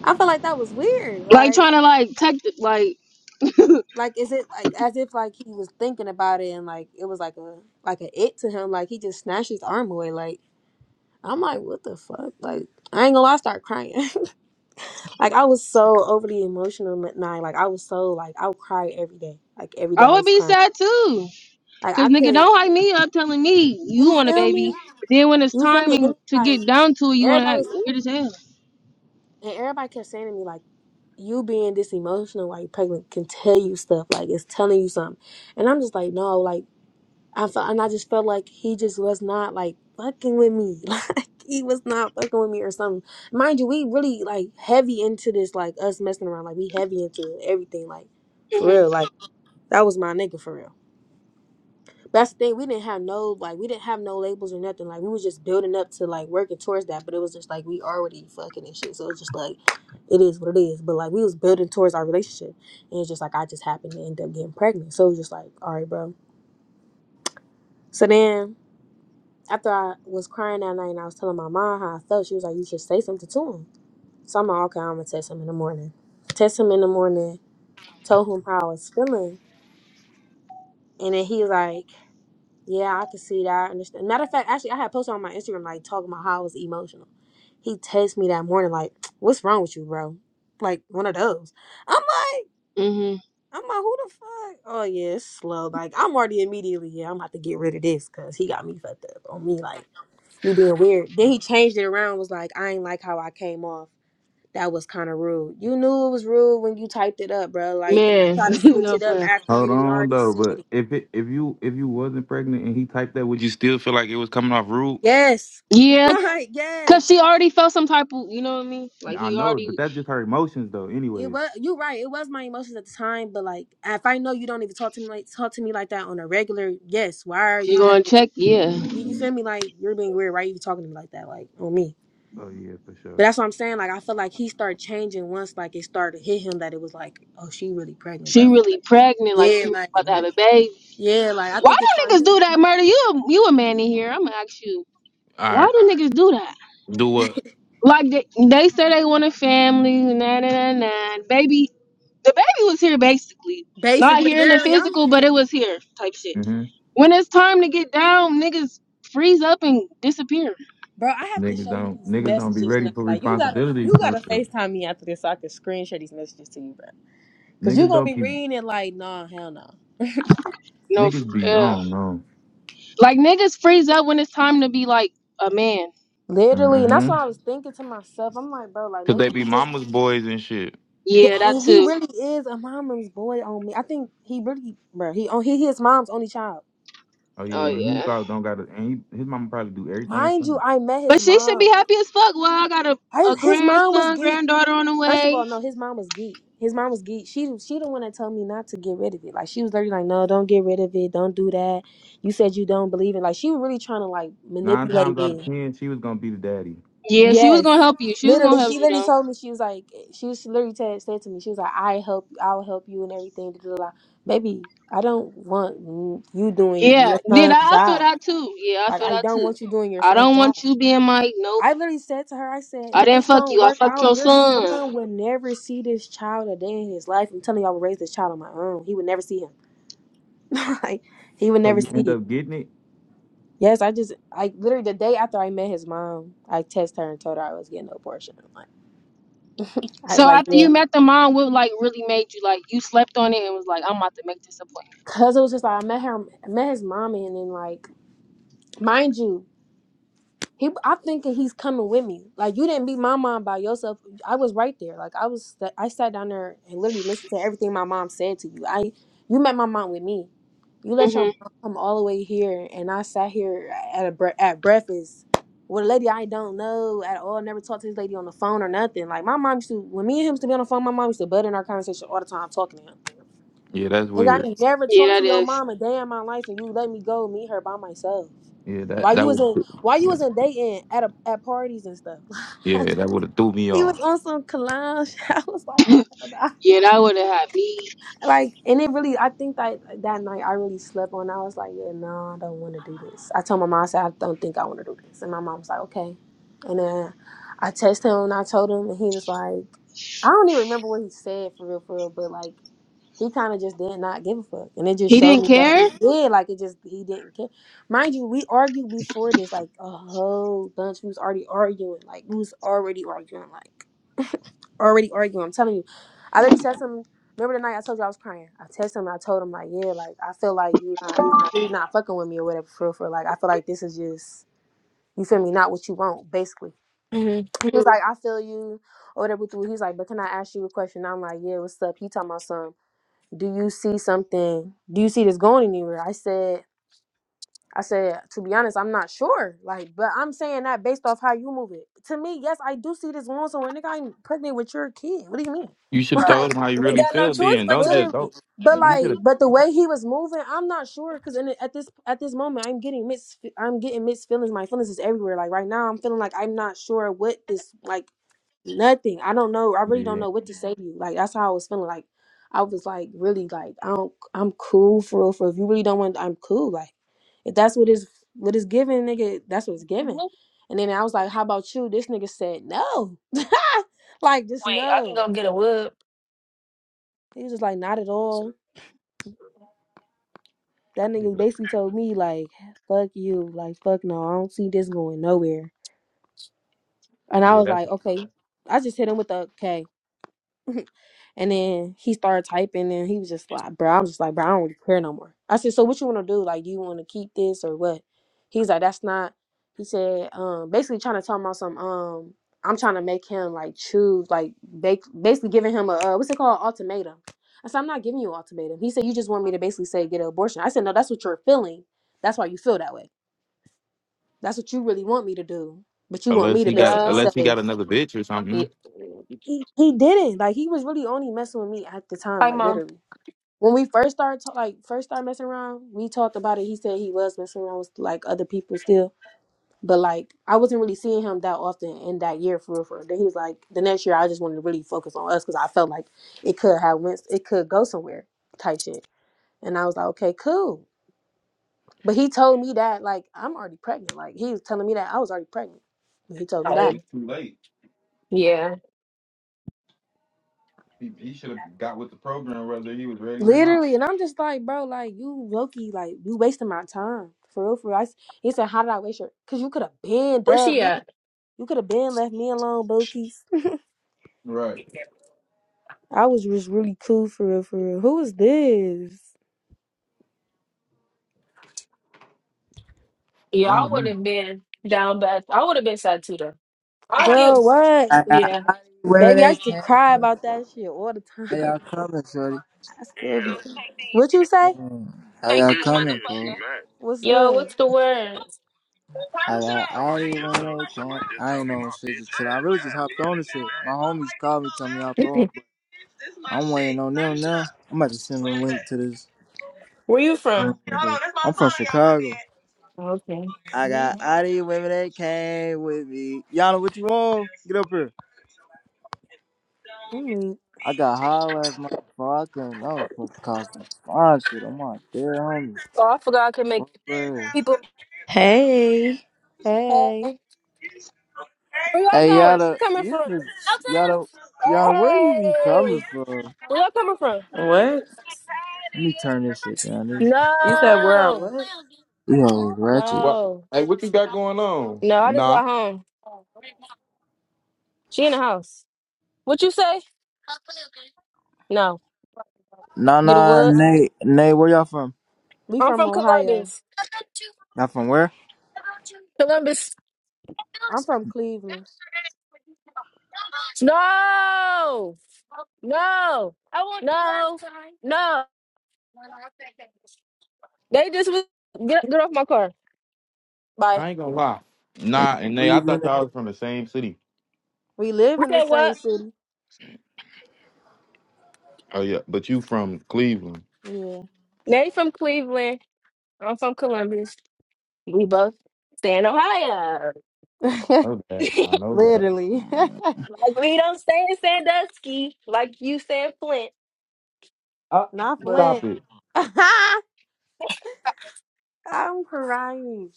B: I felt like that was weird.
A: Like
B: Like
A: trying to like take the, like
B: like is it like as if like he was thinking about it and like it was like a like a it to him. Like he just snatched his arm away. Like I'm like what the fuck. Like I ain't gonna lie, I start crying. like I was so overly emotional at night. Like I was so like I would cry every day. Like every day
A: I
B: I
A: would
B: was
A: be
B: crying.
A: sad too.
B: Like I
A: Cause nigga
B: couldn't.
A: don't hype me up telling me you
B: You
A: want a
B: feel
A: baby.
B: me?
A: But then when it's
B: You feel me?
A: timing
B: And
A: to
B: like
A: get down to it, you wanna
B: everybody
A: act
B: was
A: weird as hell.
B: and everybody kept saying to me like. you being this emotional while you're pregnant can tell you stuff like it's telling you something and i'm just like no like i felt and i just felt like he just was not like fucking with me like he was not fucking with me or something mind you we really like heavy into this like us messing around like we heavy into everything like for
A: Mm-hmm.
B: real like that was my nigga for real that's the thing. We didn't have no like we didn't have no labels or nothing. Like we was just building up to like working towards that, but it was just like we already fucking and shit. So it's just like it is what it is. But like we was building towards our relationship, and it's just like I just happened to end up getting pregnant. So it was just like all right, bro. So then after I was crying that night and I was telling my mom how I felt, she was like, "You should say something to him." So I'm like, "Okay, I'm gonna text him in the morning." Text him in the morning. Told him how I was feeling, and then he was like. Yeah, I can see that. I understand. Matter of fact, actually, I had posted on my Instagram like talking about how I was emotional. He texted me that morning like, "What's wrong with you, bro?" Like one of those. I'm like,
A: Mm-hmm.
B: I'm like, who the fuck? Oh yeah, it's slow. Like I'm already immediately, yeah, I'm about to get rid of this because he got me fucked up on me. Like you being weird. Then he changed it around. Was like, I ain't like how I came off. That was kind of rude. You knew it was rude when you typed it up, bro. Like
A: Man,
B: don't try to switch
A: no
B: it
A: for
B: up
A: real.
B: after you
C: Hold
B: didn't
C: on
B: already
C: though,
B: said
C: but
B: it.
C: if it, if you if you wasn't pregnant and he typed that, would You still feel like it was coming off rude?
B: Yes.
A: Yeah,
B: Right,
A: cause
B: yes.
A: she already felt some type of you know what I mean? Like
C: I
A: he
C: know,
A: already
C: but that's just her emotions though.
B: It
C: Anyways.
B: was you right. It was my emotions at the time, but like if I know you don't even talk to me like talk to me like that on a regular, yes, why are
A: she
B: you being
A: gonna
B: weird?
A: check, yeah.
B: You, you feel me? Like you're being weird. Why are you talking to me like that? Like on me.
C: Oh yeah, for
B: But
C: sure.
B: that's what I'm saying. Like I feel like he started changing once like it started to hit him that it was like, oh, she really pregnant, bro.
A: She really pregnant, like
B: Yeah,
A: she really
B: like
A: about to
C: All
A: have a baby.
B: yeah, like I
A: Why
B: think it
A: do
B: started
A: niggas
B: hitting-
A: do that, murder? You a, you a man in here. I'm gonna ask you. Why
C: right.
A: do niggas do that?
C: Do what?
A: Like they, they say they want a family, nah, nah, nah, nah. Baby, the baby was here basically. Not
B: basically
A: here in the
B: literally. I'm
A: physical, but it was here type shit.
C: hmm
A: When it's time to get down, niggas freeze up and disappear.
B: bro. I have to
C: Niggas
B: show you
C: don't
B: these
C: niggas don't be
B: messages
C: ready
B: now.
C: for
B: Like you gotta
C: responsibility
B: you
C: for
B: gotta
C: real.
B: Facetime me after this so I can screen share these messages to you, bro. Cause you
C: Niggas
B: gonna
C: don't
B: be
C: be
B: reading it like, nah, hell no.
A: No, f-
C: niggas be I
A: yeah.
C: don't know.
A: Like niggas freeze up when it's time to be like a man.
B: Literally,
C: mm
B: and that's
C: hmm
B: what I was thinking to myself. I'm like, bro, like
C: Cause they
B: maybe
C: be
B: he just
C: mama's boys and shit.
B: th-
A: Yeah, that
B: and he
A: too.
B: really is a mama's boy on me. I think he really, bro, he on he his mom's only child.
C: Oh
A: Oh
C: yeah, and he
A: yeah.
C: probably don't got to. And he, his mama probably do everything
B: Mind
C: for
B: you,
C: him.
B: I met
A: But
B: his
A: she should be
B: mom.
A: happy as fuck. Well, I got a, a
B: His, his mom was
A: grandson,
B: geek.
A: granddaughter on the
B: First of
A: way.
B: all, no, his mom was geek. His mom was geek. She she the one that told me not to get rid of it. Like she was literally like, no, don't get rid of it. Don't do that. You said you don't believe it. Like she was really trying to like
C: Nine
B: manipulate
C: times out
B: me.
C: of ten, she was gonna be the daddy.
A: Yeah, she was
B: Yes.
A: gonna help you. She was
B: Literally,
A: gonna help
B: she
A: you
B: literally
A: though.
B: told me she was like she was she literally said said to me she was like I help I'll help you and everything. Da, da, da. Baby, I don't want you doing
A: Yeah,
B: your
A: then I,
B: son's
A: I feel
B: job.
A: that too. Yeah, I
B: Like
A: feel
B: I
A: that
B: don't
A: too.
B: want you doing your
A: I
B: son's
A: don't
B: job.
A: want you being like, nope,
B: I literally said to her, I said,
A: I
B: if
A: didn't
B: this
A: fuck
B: don't
A: you. I
B: work
A: fucked
B: out,
A: your
B: your
A: son.
B: son will never see this child a day in his life. I'm telling you, I would raise this child on my own. He would never see him. like he would
C: So
B: never
C: you
B: see
C: end
B: it.
C: up getting it.
B: Yes, I just I literally the day after I met his mom, I texted her and told her I was getting an abortion. Like I was
A: So
B: like,
A: after
B: yeah.
A: you met the mom, what like really made you like you slept on it and was like, I'm about to make this appointment.
B: Cause it was just like I met her, met his mom, and then like, mind you, he, I'm thinking he's coming with me. Like you didn't beat my mom by yourself. I was right there. Like I was, I sat down there and literally listened to everything my mom said to you. I, you met my mom with me. You let your
A: Mm-hmm.
B: mom come all the way here, and I sat here at a bre- at breakfast with a lady I don't know at all. Never talked to this lady on the phone or nothing. Like my mom used to, when me and him used to be on the phone, my mom used to butt in our conversation all the time, talking to him.
C: Yeah, that's
B: Cause I
C: weird.
B: ain't never
A: Yeah,
B: talked
A: that
B: to your
A: is.
B: mom a day in my life, and you let me go meet her by myself.
C: Yeah,
B: Why
C: That
B: you
C: that
B: was
C: would
B: in? Why you
C: yeah,
B: was in dating at a, at parties and stuff?
C: yeah that would have threw me
B: he
C: off.
B: was on some clown. shit. I was like, oh hell nah.
A: Yeah, that would have had me.
B: like, and it really. I think that that night I really slept on. I was like, yeah, no, I don't want to do this. I told my mom, I said, I don't think I want to do this, and my mom was like, okay. And then I texted him and I told him, and he was like, I don't even remember what he said for real, for real, but like he kind of just did not give a fuck, and it just
A: He
B: showed
A: didn't
B: me that
A: care.
B: he did. Like it just he didn't care. Mind you, we argued before this, like a whole bunch. We was already arguing, like we was already arguing, like already arguing. I'm telling you, I literally texted him. Remember the night I told you I was crying? I texted him. and I told him like, yeah, like I feel like you not you not fucking with me or whatever. For real, for real. like I feel like this is just you feel me, not what you want, basically.
A: hmm
B: He was like, I feel you or whatever. He was like, but can I ask you a question? I'm like, yeah, what's up? He talking about something do you see something do you see this going anywhere i said i said to be honest i'm not sure like but i'm saying that based off how you move it to me yes i do see this going somewhere nigga i'm pregnant with your kid what do you mean
C: You should have
A: Right.
B: like
C: told him how you
A: We
C: really
A: got no
C: feel.
A: choice
C: Then
A: but
C: don't
A: to.
C: just
B: Literally,
C: don't.
B: but
A: You
C: You
A: feel
B: like,
C: should
A: me?
C: have.
B: but the way he was moving, I'm not sure because in at this at this moment, I'm getting mixed. fe- I'm getting mixed feelings. My feelings is everywhere. Like right now, I'm feeling like I'm not sure what this like. Nothing. I don't know. I really don't
C: Yeah,
B: know what to say to you. Like that's how I was feeling. Like I was like really like I don't. I'm cool for real. For real. if you really don't want, I'm cool. Like if that's what is what is given, nigga, that's what's given. And then I was like, how about you? This nigga said no. like just
A: Wait, I can
B: no.
A: go get a whoop.
B: He was just like not at all That nigga basically told me like, "Fuck you," like, "Fuck no, I don't see this going nowhere." And I
C: yeah.
B: was
C: That's
B: like,
C: it.
B: "Okay." I just hit him with the okay, and then he started typing, and he was just like, "Bro," I'm just like, "Bro, I don't really care no more." I said, "So what you want to do? Like, do you want to keep this or what?"
A: I
B: He's like,
A: mean,
B: "That's not." He said, um, basically trying to tell him about some um I'm trying to make him like choose, like ba- basically giving him a uh, what's it called, ultimatum. I said, I'm not giving you an ultimatum. He said, you just want me to basically say get an abortion. I said, no, that's what you're feeling. That's why you feel that way. That's what you really want me to do. But you want
C: unless
B: me to
C: he got
B: basically
A: no.
C: unless he
B: say
C: got another bitch or
A: Yeah.
C: something.
B: he, he didn't. Like he was really only messing with me at the time,
A: Hi,
B: like
A: mom.
B: literally. When we first started ta- like first started messing around, we talked about it. He said he was messing around with like other people still. But like I wasn't really seeing him that often in that year for real for real. Then he was like the next year I just wanted to really focus on us because I felt like it could have went it could go somewhere type shit. And I was like, Okay, cool. But he told me that like I'm already pregnant. Like he was telling me that I was already pregnant. He told me that.
C: It's too late.
A: Yeah.
C: He, he should have got with the program whether he was ready or not.
B: Literally, and I'm just like, bro, like you Loki, like you wasting my time. For real, for real. I, s- he said, How did I waste your cause you could have been
A: Where
B: dubbed
A: she
B: me.
A: at?
B: You could have been left me alone, Bokies.
C: Right.
B: I was just really cool for real, for real. Who is this?
A: Yeah,
C: Oh
A: I would
C: man.
A: have been down bad. I would have been sad too, I'll get
B: Girl, what?
D: I got
A: yeah.
D: women
B: Baby, I
D: that
B: used to cry
D: came.
B: about that shit all the time.
D: How y'all coming, Shorty?
B: I still be What you say?
D: How y'all coming, fool?
B: What's
A: Yo,
B: good?
A: what's the word?
D: I got all these women that came. I ain't on shit just chilling. I really just hopped on this shit. My homies called me, told me y'all but I'm waiting on them now. I'm about to send them a link to this.
A: Where you
D: I'm
A: from?
D: from Chicago.
A: Okay.
D: I
B: Mm,
D: got all these women that came with me. Y'all know what you want? Get up here.
B: mm.
D: I got high last night, bro. I couldn't. I was fucking causing fine shit. I'm out there, homie.
A: Oh, I forgot I can make
D: Fuck, man.
A: people.
E: Hey.
B: Hey.
A: Hey, where y'all
D: Hey
A: going? Where you
D: Yada,
A: coming
D: you
A: from?
D: just Yada,
A: Hey,
D: Yada, where you be coming from? Let
A: y'all coming from?
E: What?
D: me turn this shit down. This
E: You said where I
A: No,
E: what?
D: yo ratchet.
C: What?
A: no,
C: Hey, what you got going on?
A: no. I just
C: Nah,
A: got home. She in the house. What you say? No.
D: Nah,
A: Get a
D: nah,
A: wood.
D: Nate, Nate, where y'all from?
B: We
A: I'm
B: from
A: from
B: Ohio.
A: Columbus.
D: Y'all from where?
A: Columbus.
B: I'm from Cleveland.
A: No, no, no. They just was get get off my car. Bye.
C: I ain't gonna lie. Nah, and
D: Where
C: they,
D: you
C: I
D: been
C: thought
D: at?
C: y'all was from the same city.
B: We live
A: You
B: in the
A: said
B: same
A: what?
B: city.
C: Oh yeah, but you from Cleveland.
B: Yeah.
A: They from Cleveland. I'm from Columbus. We both stay in Ohio.
C: I know that. I know that.
B: Literally.
A: like we don't stay in Sandusky, like you said, Flint.
C: Uh,
B: Not
A: But
B: Flint.
C: stop it.
B: I'm crying.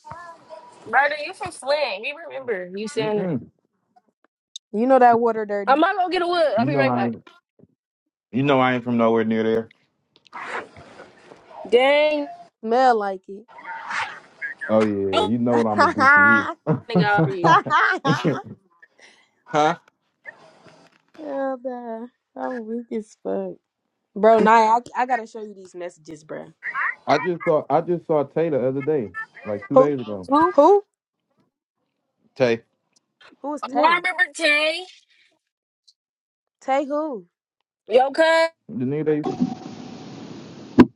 A: brother, you from Flint? We remember you saying.
C: Mm-mm.
B: You know that water
A: I'm
B: dirty.
A: not gonna get a wood. I'll
C: You
A: be
C: know
A: right
C: I.
A: back.
C: Ain't, you know I ain't from nowhere near there.
A: Dang,
B: Smell like it.
C: Oh yeah,
A: I'm
C: you know what I'm gonna do
B: Hell
A: gonna for you.
C: to you. Huh?
B: nah. I'm weak as fuck. Bro, Naya, I, I gotta show you these messages, bro.
C: I just saw I just saw Tay the other day, like two
B: Who?
C: days ago.
A: Who?
B: Who?
C: Tay.
B: Who is
A: Oh, I
B: Tay?
A: remember Tay.
B: Tay who?
A: Yo, cuz.
C: The nigga they used to,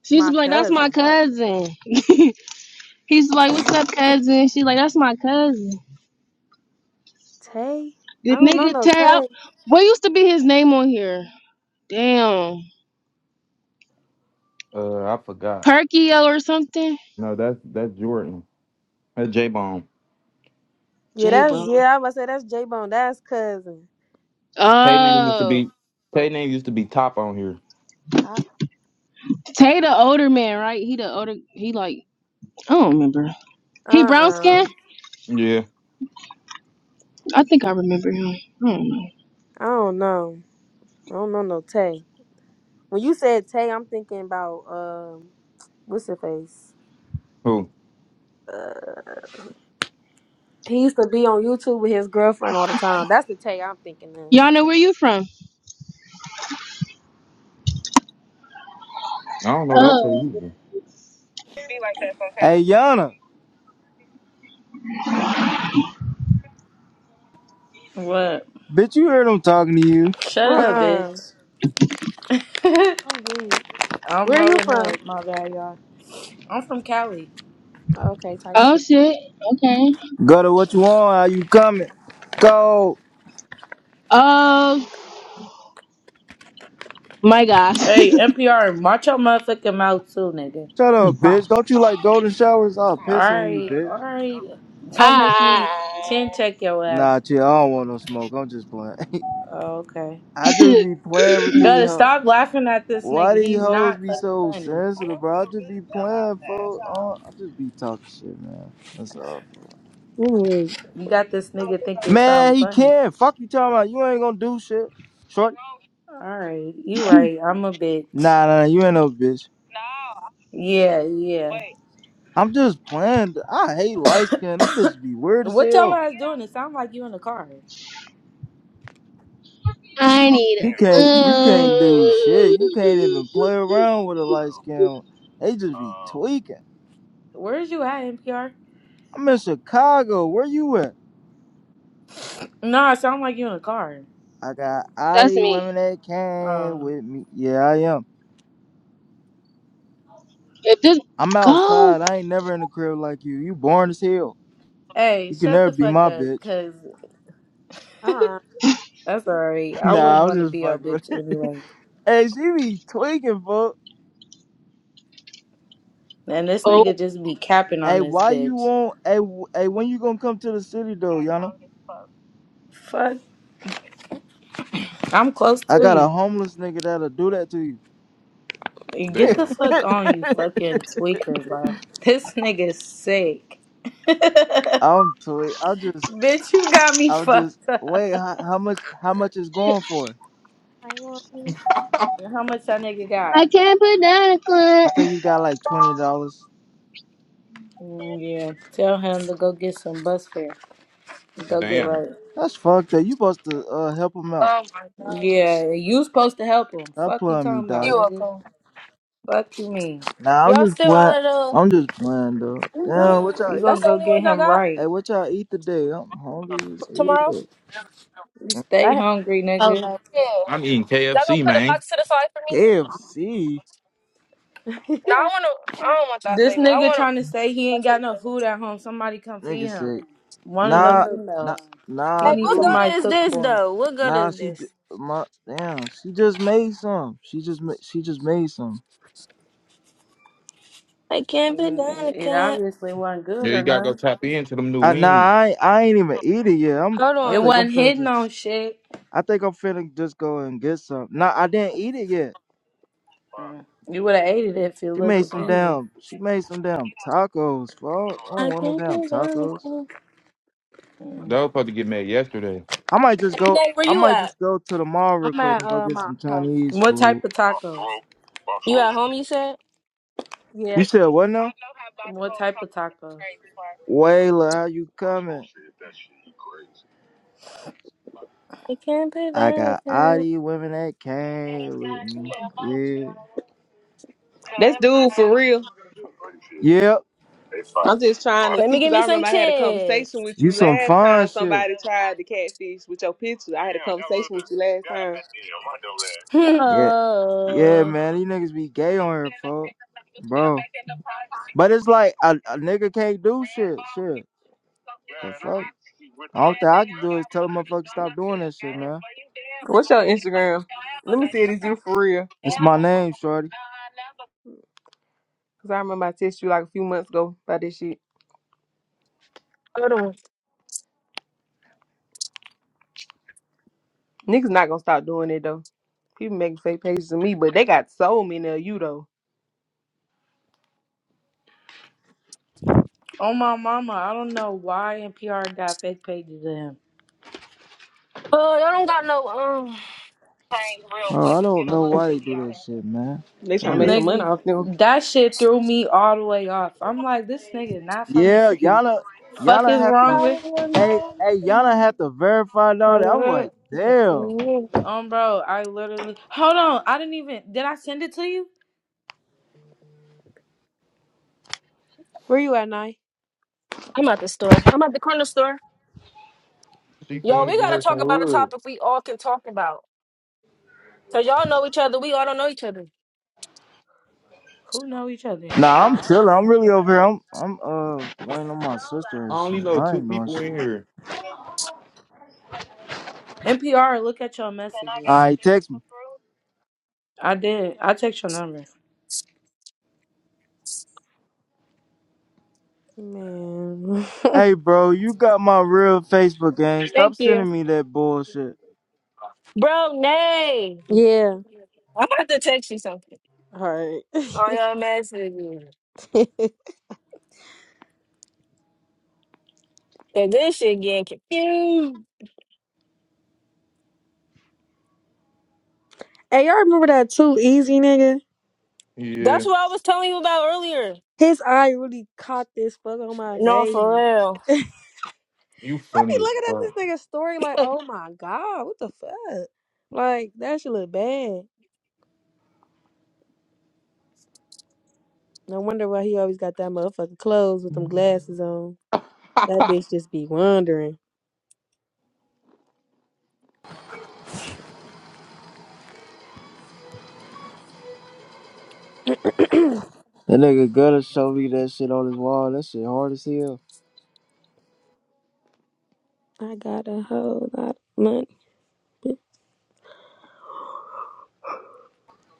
A: She used to
B: My
A: be like, "That's my
B: cousin.
A: cousin." He's like, "What's up, cousin?" She's like, "That's my cousin."
B: Tay? I
A: The
B: don't know
A: nigga
B: no
A: Tay. I-
B: Tay.
A: What used to be his name on here? Damn,
C: uh I forgot.
A: Perkio or something.
C: No, that's that's Jordan. That's J Bone.
B: Yeah,
A: J
B: that's,
A: Bone.
B: yeah, I was about to say that's J-Bone. That's cousin.
C: Tay name used to
A: Oh,
C: be Tay name used to be top on here.
A: Tay the older man, right? He the older. He like I don't remember. He brown
B: Uh-uh.
A: skin.
C: Yeah.
A: I think I remember him. I don't know.
B: I don't know. I don't know no Tay. When you said Tay, I'm thinking about um, what's her face?
C: Who?
B: Uh, he used to be on YouTube with his girlfriend all the time. That's the Tay I'm thinking of.
A: Y'all know where you from?
C: I don't know that
A: Oh.
C: Tay
D: Hey Yana,
E: What?
D: bitch, you heard them talking to you.
E: Shut
B: Uh
E: up,
C: either.
B: uh-uh.
E: bitch. I'm
B: i Where you
E: rolling
B: from?
E: up. My bad, y'all. I'm from Cali.
B: Oh, Okay, type
A: Oh
B: shit.
A: shit. Okay.
D: Go to what you want. How you coming? Go.
A: Oh my gosh.
E: Hey, NPR, march your motherfucking mouth too, nigga.
D: Shut up,
C: Hot.
D: bitch. Don't you like golden showers? I'll piss on you,
E: Alright,
D: bitch.
E: alright. Don't make me chin
A: I
E: check your ass.
D: Nah, chill. I don't want no smoke. I'm just playing.
E: Oh, okay.
D: I just be playing with these
E: Gotta
D: hoes.
E: stop laughing at this
D: Why
E: nigga.
D: these
B: You
E: He's
D: hoes
E: not
D: be
E: fucking
D: so
E: funny.
D: sensitive, bro? I just be playing, folks. Uh, I just be talking shit, man. That's all. Bro.
B: weak.
E: You got this nigga thinking something
D: Man, he
E: funny.
D: can. Fuck you talking about. You ain't gonna do shit. Short.
E: Alright, you right. I'm a bitch.
D: Nah, nah, nah, you ain't no bitch.
E: Yeah, yeah.
D: I'm just playing. I hate light skin. Them bitches be weird as
E: What y'all
D: hell.
E: guys doing? It sound like you in the car.
A: I need.
D: You can't, you can't do
A: Ooh.
D: shit. You can't even play around with a light skin. They just be tweaking.
E: Where is you at, NPR?
D: I'm in Chicago. Where you at?
E: No, it sound like you in the car.
D: I got all
A: That's
D: these women
A: me.
D: that came
E: Uh,
D: with me. Yeah, I am.
A: If this
D: I'm
A: go.
D: outside. I ain't never in the crib like you. You born as hell.
E: hey,
D: You can
E: shut
D: never
E: the
D: be
E: fuck
D: my
E: up,
D: bitch.
E: cause
B: Uh
E: that's alright. I
B: uh.
E: wouldn't
D: Nah, I'm
E: want to
D: just
E: be your
D: fucking with
E: bitch
D: it.
E: anyway.
D: hey, she be tweaking, fuck.
E: And this
A: Oh.
E: nigga just be capping on
D: Hey,
E: this
D: why you
E: bitch.
D: won't? Hey, w- hey, when you gonna come to the city though, Yana?
E: Fuck, I'm close
D: I
E: to
D: got a
E: you.
D: homeless nigga that'll do that to you.
E: Get the
C: Damn.
E: fuck on, you fucking tweaker, bro. This nigga's sick.
D: I'm tweak. I'm just.
E: bitch, you got me
D: I'm just.
E: fucked up.
D: Wait, how, how much? How much is going for?
B: I
E: How much that nigga got?
A: I can't put down a
D: I
A: clip.
D: think he got like twenty dollars.
E: Mm, Yeah, tell him to go get some bus fare. Go get
C: Damn.
E: right.
D: That's fucked up. You supposed to uh, help him out.
A: Oh my god.
E: Yeah, you supposed to help him.
D: Stop
E: Fuck you
D: playing me,
E: talking about,
D: dog.
A: You are
E: nigga.
A: cool.
E: Fuck you mean.
D: Nah, I'm
A: Y'all
D: just
A: still all
D: playing.
A: of
D: I'm just playing, though.
A: the.
D: Yeah, what y'all
E: You
D: eat?
E: gonna
A: That's the
E: go
A: only
E: get
A: ones I
E: him
A: got f-
E: right.
D: Hey, what y'all eat today? I'm hungry as
A: tomorrow.
D: hell.
E: You stay
B: have
E: hungry, nigga.
B: solo.
A: Yeah.
C: I'm eating
A: Y'all gonna
C: KFC,
A: put a
C: man.
A: box to the side for me?
D: KFC?
A: No, I wanna. I don't want y'all
E: This
A: flavor. I
E: nigga
A: want to.
E: trying to say he ain't got no food at home. Somebody come feed
D: Nigga
E: him.
D: say,
E: One of the
D: nah, nah,
E: females. He
D: nah,
A: Hey,
E: needs
A: what
D: dude.
E: somebody to
A: good is
E: cook
A: this
E: for him.
A: though? What good
D: Nah,
A: is
D: she, d-
A: this?
D: my, damn, she just made some. She just, ma- she just made some.
A: I can't put
E: Mm,
A: down the
E: It it
A: cat.
E: obviously wasn't
C: Yeah,
E: good or
C: you gotta go
E: nothing.
C: tap into them new
D: I, nah,
C: wings.
D: I, ain't- I ain't even eat it yet. I'm,
A: Hold
D: I
E: It
A: on.
D: think I'm
E: wasn't
D: finna
E: hidden on
D: just,
E: shit.
D: I think I'm finna just go and get some. Nah, I didn't eat it yet.
E: Mm. You would have ate it if it
D: She
E: looked
D: made some
E: appealing.
D: damn, she made some damn tacos, fuck. I don't
A: I
D: want no
A: can't
D: damn
A: put down the
D: tacos.
A: cat.
C: They
E: Mm.
C: was supposed to get made yesterday.
D: I might just
A: Hey,
D: go.
A: Nate, where
D: I
A: you
D: might
A: at?
D: just go to the mall real
B: I'm
D: quick
B: at
D: and go
B: uh
D: get
B: my
D: some
B: house.
D: Chinese
E: What type
D: food.
E: of tacos?
A: You at home? You said.
B: Yeah.
D: You said what now?
E: What type of tacos?
D: Wayla, how you coming?
A: I can't put
D: I
A: down
D: got
A: the
D: all
A: cat.
D: these women that came with me.
F: That's dude for real.
D: Yeah. Yep.
F: I'm just trying to
A: Let
F: see
A: me give
F: because
A: me
F: I
A: some
F: remember I had a conversation
A: chips.
F: with
D: You
F: you
D: some
F: last
D: fun
F: time
D: shit.
F: somebody tried to catfish with your picture. I had a conversation with you last time.
E: oh
D: Yeah. Yeah,
A: Oh,
D: man. These niggas be gay on here, folks. Bro. But it's like a, a nigga can't do shit. Shit. The fuck? All that I can do is tell a motherfucker stop doing that shit, man.
F: What's your Instagram? Let me see it is you for real.
D: It's my name, shorty.
F: Because I remember I texted you like a few months ago about this shit.
A: hold on.
F: Niggas not going to stop doing it though. People making fake pages of me, but they got so many of you though.
E: my mama, I don't know why NPR got fake pages of him.
A: Oh, y'all don't got no
D: Oh, I don't know why they do that shit, man.
F: They trying
D: Hold
F: to
D: Damn up.
F: make
D: it.
F: some money
E: Nigga,
F: off them.
E: that shit threw me all the way off. I'm like, this nigga not from the
D: Yeah,
E: city.
D: y'all, done- y'all
E: Fuck
D: done
E: is
D: have
E: wrong
D: to.
E: with?
D: Hey, hey, y'all done
A: um.
D: have to verify and all that. I'm
A: I'm
D: like, damn.
E: Um, bro, I literally hold on. I didn't even did I send it to you?
B: Where you at, night?
A: at the store. I'm at the corner store.
C: She's
A: Yo,
C: going to
A: we
C: get
A: gotta
C: her some
A: talk about a
C: wood.
A: topic we all can talk about. Cause y'all know each other. We all don't know each other.
E: Who know each other?
D: Nah, I'm chilling. I'm really over here. I'm, I'm uh waiting on my sister and
C: I only
D: shit.
C: know
D: I
C: two
D: ain't doing
C: people
D: shit.
C: in here.
E: NPR, look at your
D: All
E: messages.
D: right, text me.
E: I did. I text your number.
B: Man.
D: Hey, bro, you got my real Facebook gang. Stop
A: Thank you.
D: sending me that bullshit.
A: Bro, nay.
B: yeah.
A: I'm about to text you something.
B: All right.
A: On your message.
B: hey,
A: And this shit getting confused.
B: y'all remember that too easy nigga?
A: That's
C: Yeah,
A: what I was telling you about earlier.
B: His eye really caught this fuck on my
A: No, for
B: baby.
A: real.
B: I
C: you
B: be
C: funny as
B: looking at
C: fuck.
B: this nigga's story like, oh my god, what the fuck? Like that shit look bad. No wonder why he always got that motherfucking clothes with them glasses on. That bitch just be wondering. I
D: That nigga gotta show me that shit on his wall. That shit hard as hell.
B: got a whole lot of money.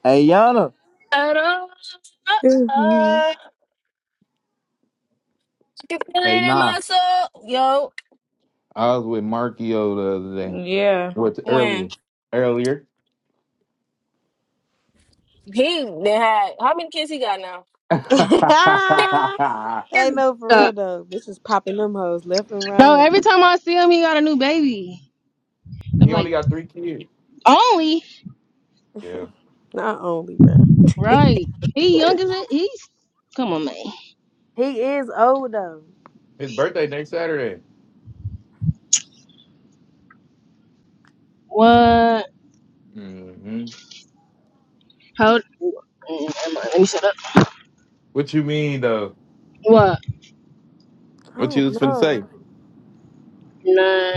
D: Hey Yana.
A: I don't uh,
B: Mhm.
A: I can feel
C: hey,
A: it in
C: nah,
A: my soul. Yo,
C: I was with Markio the other day.
E: Yeah.
C: What earlier?
A: when
C: Earlier.
A: he they had how many kids he got now?
B: hey, no, for
A: Stop.
B: real though. This is popping them hoes left and
A: No,
B: right.
A: every time I see him, he got a new baby. I'm
C: he only
A: like,
C: got three kids.
A: only
C: Yeah,
B: Not only, bro.
A: right? He young as it. He's come on, man.
B: he is old though.
C: his birthday next Saturday.
A: What?
C: hmm
A: How? old- Mm, Never mind. Let me shut up.
C: What you mean though?
A: What?
B: I
C: What you
B: don't
C: was finna say? You
B: know.
A: Nah.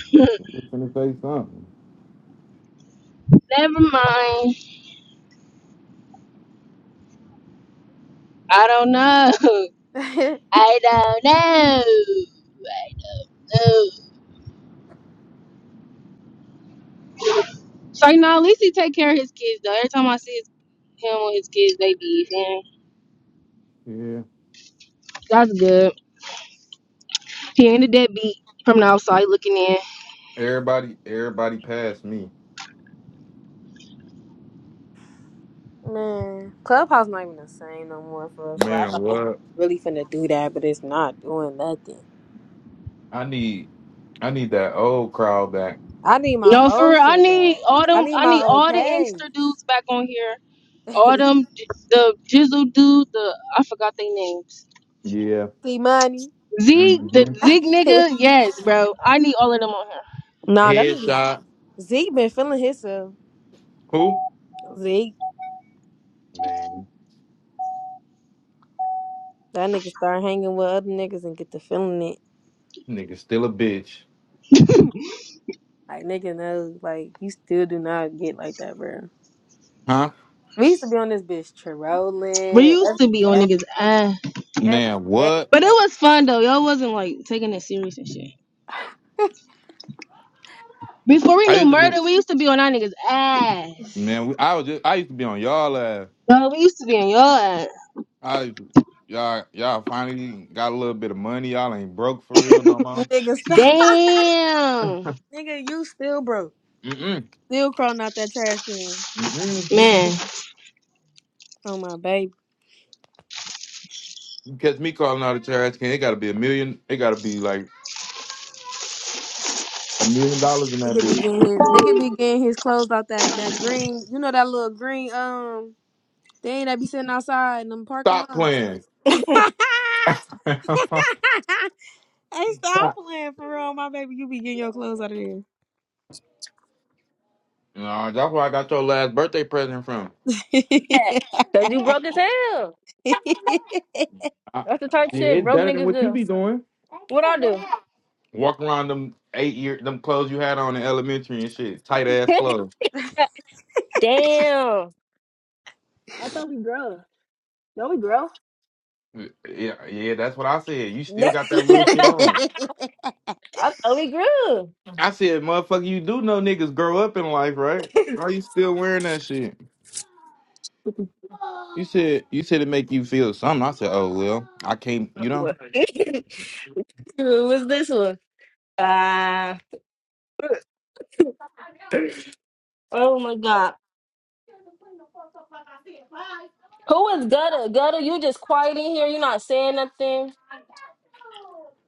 C: was finna say something.
A: Never mind. I don't know. I don't know. Oh. So you know, at least he take care of his kids though. Every time I see his, him with his kids, they be him.
C: Yeah.
A: That's good. He ain't a deadbeat from the outside looking in.
C: Everybody, everybody passed me.
B: Man, Clubhouse not even the same no more for us. Where I
C: Man,
B: thought it's
C: what?
B: really finna do that, but it's not doing nothing.
C: I need, I need that old crowd back.
B: I need my
A: No, for
B: old
A: real. I
B: shit
A: need
B: back.
A: all
B: I
A: them.
B: need
A: I need
B: my old
A: all the
B: page.
A: youngster dudes back on here all them the Jizzle dude, the I forgot their names.
C: Yeah.
B: See money.
A: Zeke,
C: Mm-hmm.
A: the Zeke nigga, yes, bro. I need all of them on
B: nah, that nigga
C: Headshot.
B: Zeke been feeling himself.
C: Who?
B: Zeke,
C: Man,
B: that nigga start hanging with other niggas and get to feeling it.
C: nigga still a bitch.
A: here.
B: Like nigga knows, like you still do not get like that, bro.
C: Huh?
B: We used to be on this bitch trolling
A: we
B: every,
A: used to be on niggas ass,
B: every
C: Man,
B: day.
C: what?
A: but it was fun though. Y'all wasn't like taking it serious and shit. Before we
C: I
A: knew
C: used to be
A: murder, we used to be on our niggas ass.
C: man, we, I was just I used to be on y'all ass.
A: Bro, we used to be on your ass.
C: I used to, y'all y'all finally got a little bit of money. Y'all ain't broke for real no more.
B: Nigga, stop.
A: Damn,
B: nigga, you still broke.
C: Mm-mm.
B: Still crawling out that trash can.
C: Mm-mm.
A: man.
B: Oh my baby.
C: You Catch me calling out a trash can. It gotta be a million. It gotta be like a million dollars in that
B: Nigga be
C: bitch.
B: getting his nigga be getting his clothes out that that green you know that little green um thing that be sitting outside in them parking
C: Stop
B: lots.
C: playing.
B: hey
C: no,
B: stop playing for real, my baby. You be getting your clothes out of there.
C: that's where I got your last birthday present from.
A: Cause you broke as hell.
C: I,
A: That's the type
C: shit,
A: shit
C: it's
A: broke
C: better than
A: niggas
C: what you
A: do.
C: be doing.
A: What I do?
C: Walk around them eight year them clothes you had on in elementary and shit, tight ass clothes.
A: Damn.
C: Yeah, yeah, that's what I said. You still got that little shit on.
A: I thought we grew.
C: I said, motherfucker, you do know niggas grow up in life, right? Why you still wearing that shit? You said you said it make you feel something. I said, oh well, I can't, you know.
A: Who was this one? Ah, oh my God. Who is Gutter? Gutter, you just quiet in here. You're not saying nothing.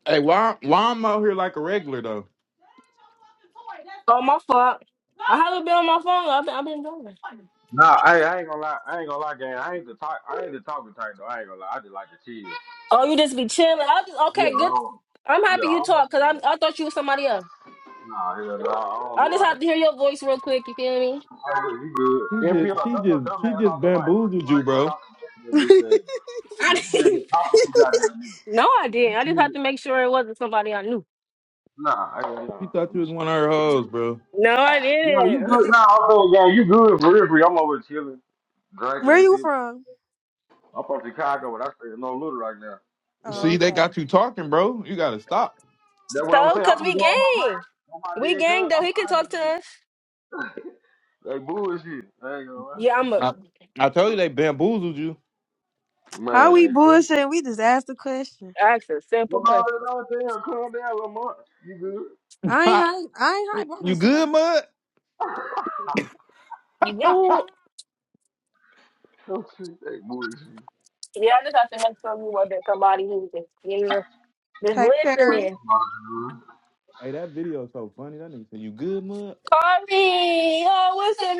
C: Hey, why why I'm out here like a regular though?
A: Oh, my fault. I haven't been on my phone. I've been, I've been driving.
G: Nah, I, I ain't gonna lie. I ain't gonna lie, gang. I ain't the talk. I ain't the talking type though. I ain't gonna lie. I just like to chill.
A: Oh, you just be chilling. I just,
G: Yeah,
A: okay,
G: I
A: good.
G: don't.
A: I'm happy
G: Yeah, I
A: you talk
G: don't.
A: because
G: yeah.
A: I I thought you was somebody else.
G: Nah, hell no. I don't
A: I
G: do
A: just
G: all
A: have
G: that
A: to hear
G: talking.
A: your voice real quick. You feel me?
G: Hey, look, you good?
C: She
G: NPR,
C: just she
G: dumb your
C: just
G: dumb
C: she
G: ass off
C: just
G: the mic.
C: bamboozled
G: Why
C: you,
G: you
C: bro.
G: talking to that little bitch ass?
A: I
G: You been
A: didn't-
G: just talking too goddamn much.
A: no, I
G: You
A: didn't. I just
G: feel
A: have to
G: it?
A: make sure it wasn't somebody I knew.
G: Nah, I ain't
C: She
G: nah.
C: thought you was one of her hoes, bro.
A: No, I
G: Nah, you
A: didn't.
G: good? Nah, I'm saying, gang, you good for real? for real. I'm over here chilling, drinking
B: Where
G: and
B: you
G: shit.
B: from?
G: I'm from Chicago, but I stay in no little right now. You know.
C: See,
B: Oh,
C: they
B: okay.
C: got you talking, bro. You gotta stop.
G: That's what I'm
A: so,
G: saying. I'm
A: cause
G: gonna
A: we
G: go on my mic.
A: gang,
G: On my
A: we
G: dead cuz.
A: gang though.
G: I'm
A: He can
G: out of
A: talk
G: this
A: to
G: bitch.
A: us.
G: They bullshit. I ain't gonna lie.
A: Yeah, I'm
C: I,
A: a.
C: I told you they bamboozled you.
B: How
G: Man,
B: we bullshitting? We just asked the question.
A: Ask a
G: come
A: simple
G: on,
A: question.
G: that other damn, calm down, Lamont. You good?
B: I ain't hype. I ain't hype. I'm
C: you
B: just saying.
C: good, mud?
A: You good?
G: Don't treat that bullshit.
A: Yeah, I just have to make sure you wasn't somebody who just yeah, just
B: Hey, Perry.
A: listening.
G: Mhm.
C: hey, that video is so funny. That nigga said, "You good, mud?"
A: Carly, oh, what's the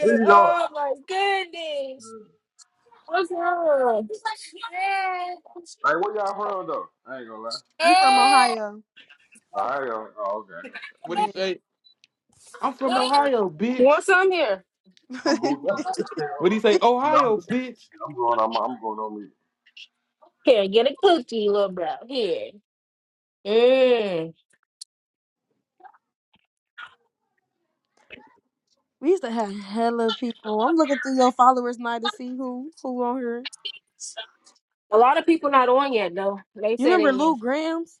G: Here you go.
A: Oh my goodness, what's wrong?
G: Like, where y'all from, though? I ain't gonna lie.
B: We from
G: Y'all from
B: Ohio.
G: Ohio. Oh, okay.
C: What he
B: Yeah.
C: say? I'm from
G: Nah, I ain't
C: Ohio,
A: You
C: bitch.
A: want some here?
G: I'm booed.
C: What he say?
G: I'm,
C: Ohio, bitch.
G: I'm going. I'm, I'm going on.
A: Here, get a cookie, little bro. Here. Mm.
B: we used to have hella people. I'm looking through your followers now to see who who on here.
A: A lot of people not on yet though. They
B: You
A: said they.
B: remember Lou
A: was-
B: Grams?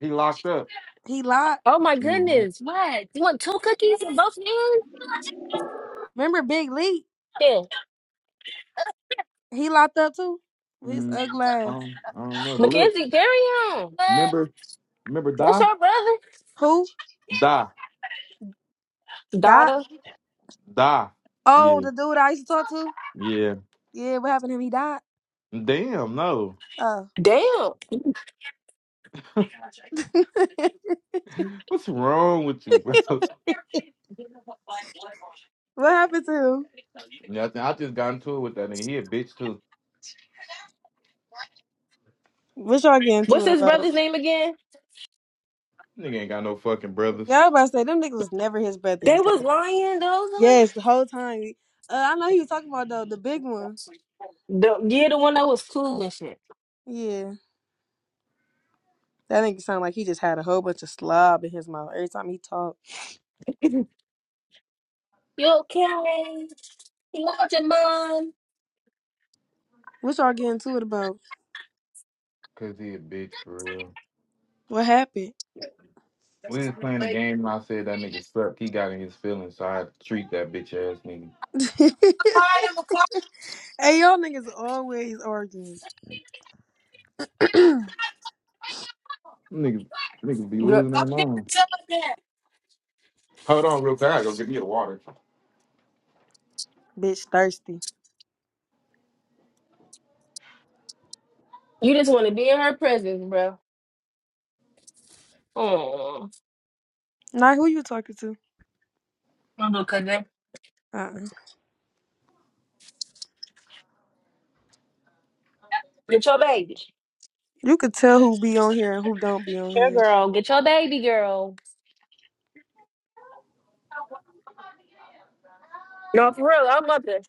C: He locked up.
B: He locked.
A: Oh my
C: hmm
A: goodness! What? You want two cookies in both hands?
B: Remember Big Lee?
A: Yeah,
B: He locked up too. With his ugly
C: I
B: ass.
C: don't, I don't know, but look,
A: Mackenzie, carry on.
C: remember, remember,
A: What's
C: die,
A: her brother?
B: Who?
C: die,
B: Dot.
A: Daughter.
C: die.
B: Oh,
C: Yeah,
B: the dude I used to talk to?
C: yeah.
B: Yeah, what happened to him? He died.
C: Damn, no.
B: Oh.
A: Damn.
C: What's wrong with you, bro?
B: what happened to him?
C: Nothing. I just got into it with that nigga. He a bitch too.
B: What y'all getting to
A: What's
B: it
A: his
B: about?
A: brother's name again?
C: Nigga ain't got no fucking brothers.
B: Y'all about to say them niggas was never his
A: They
B: brothers.
A: was
B: Like,
A: lying, those like
B: yes, the whole time. Uh, I know he was talking about though the big one.
A: the yeah, the one that was cool and shit.
B: Yeah. That nigga sound like he just had a whole bunch of slob in his mouth every time he talked.
A: You okay? You lost your mind.
B: What y'all getting to it about?
C: Cause he a bitch for real.
B: What happened?
C: We was playing a game and I said that nigga slept. He got in his feelings, so I had to treat that bitch ass nigga.
B: hey, y'all niggas always arguing.
C: Niggas, niggas be
A: Girl,
C: losing their mind. Hold on, real quick. I gotta go get me the water.
B: Bitch thirsty.
A: you just want to be in her presence, bro. Oh,
B: Nah, who you talking to?
A: no, cousin.
B: Uh-uh.
A: Get your baby.
B: You could tell who be on here and who don't be on
A: Here,
B: here.
A: girl. Get your baby, girl. No, for real. I'm up there.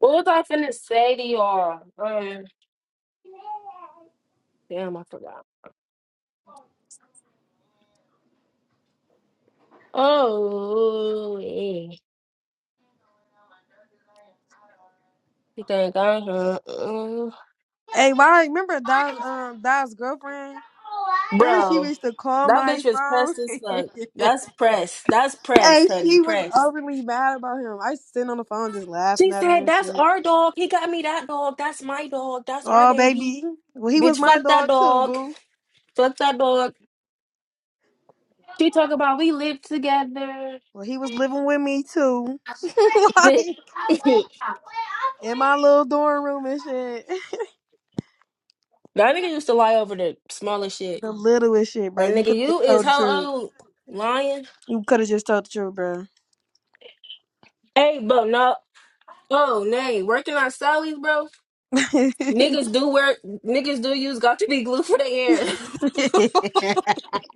A: What was I finna say to y'all? Um, damn, I forgot. Oh, yeah. You think I? heard?
B: Hey, why remember Di's um Di's girlfriend? Remember she
A: Bro,
B: used to call
A: that
B: my
A: bitch was
B: phone?
A: pressed as
B: hey,
A: fuck. That's pressed. That's pressed, honey.
B: she was
A: Pressed.
B: overly mad about him. I used to sit on the phone just
A: She
B: laughing at her
A: said,
B: and
A: That's
B: shit.
A: our dog. He got me that dog. That's my dog. That's our
B: Oh,
A: baby.
B: baby. Well, he
A: Bitch,
B: was my
A: fuck that
B: dog too,
A: dog.
B: boo.
A: Fuck that dog. She talk about we live together.
B: Well, he was living with me too.
A: that
B: like,
A: nigga
B: in my little dorm room and shit.
A: used to lie over the smallest shit.
B: The littlest shit, bro.
A: Like
B: You
A: nigga,
B: could have just
A: you is
B: told the
A: how
B: truth.
A: old? Lying?
B: You could have just told the truth, bro.
A: Hey, bro, no. Oh, nay. Working on salaries, bro. Niggas do wear niggas do use got to be glue for the air.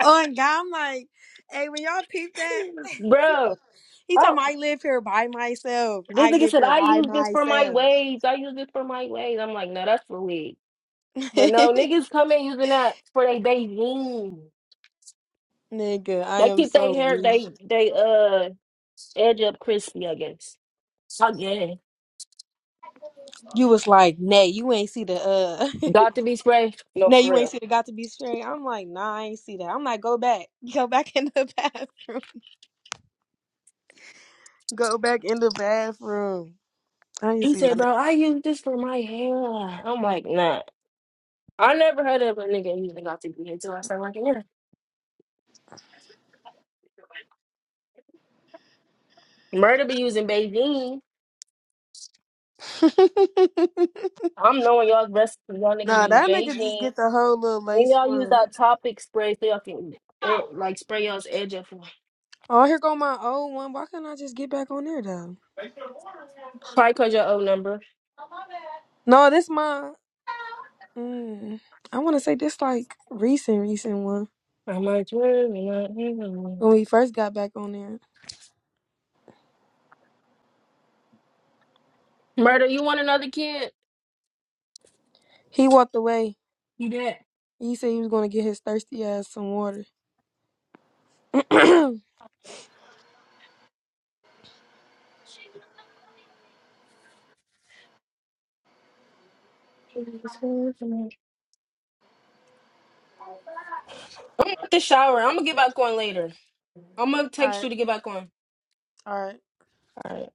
B: oh, and God, I'm like, hey, when y'all peep that,
A: bro.
B: he
A: Oh.
B: told me I live here by myself.
A: This
B: I
A: nigga
B: live
A: said,
B: here
A: I
B: by
A: use this for my
B: myself.
A: waves. I use this for my waves. I'm like, no, that's for wig. But no, niggas come in using that for their Beijing.
B: Nigga, I
A: They
B: am
A: keep their
B: so
A: hair,
B: weak.
A: they they uh edge up crispy, I guess. I guess.
B: You was like, Nay, you ain't see the uh
A: Got to be spray? No,
B: No,
A: for
B: you ain't
A: real.
B: see the got to be straight. I'm like, nah, I ain't see that. I'm like, go back. Go back in the bathroom. Go back in the bathroom. I ain't
A: He
B: see
A: said,
B: none of
A: bro, I use this for my hair. I'm like, nah. I never heard of a nigga using got to be until I started working here. Murder be using Beijing.
B: that.
A: I'm knowing y'all's rest y'all niggas
B: nah,
A: use
B: that nigga just
A: Beijing.
B: get the whole little
A: And
B: lace
A: y'all use
B: front.
A: that topic spray so y'all can it, like spray y'all's edge up.
B: Oh, here go my old one. Why can't I just get back on there though?
A: Probably cause your old number.
B: No, this my mm, I wanna say this like recent, recent one.
A: I'm like, "Well, you know, you know."
B: When we first got back on there.
A: murder. You want another kid?
B: He walked away.
A: You did.
B: He said he was gonna get his thirsty ass some water. all
A: I'm at the shower. I'm gonna get back on later. I'm gonna text
B: right,
A: you to get back on.
B: all right.
A: All right.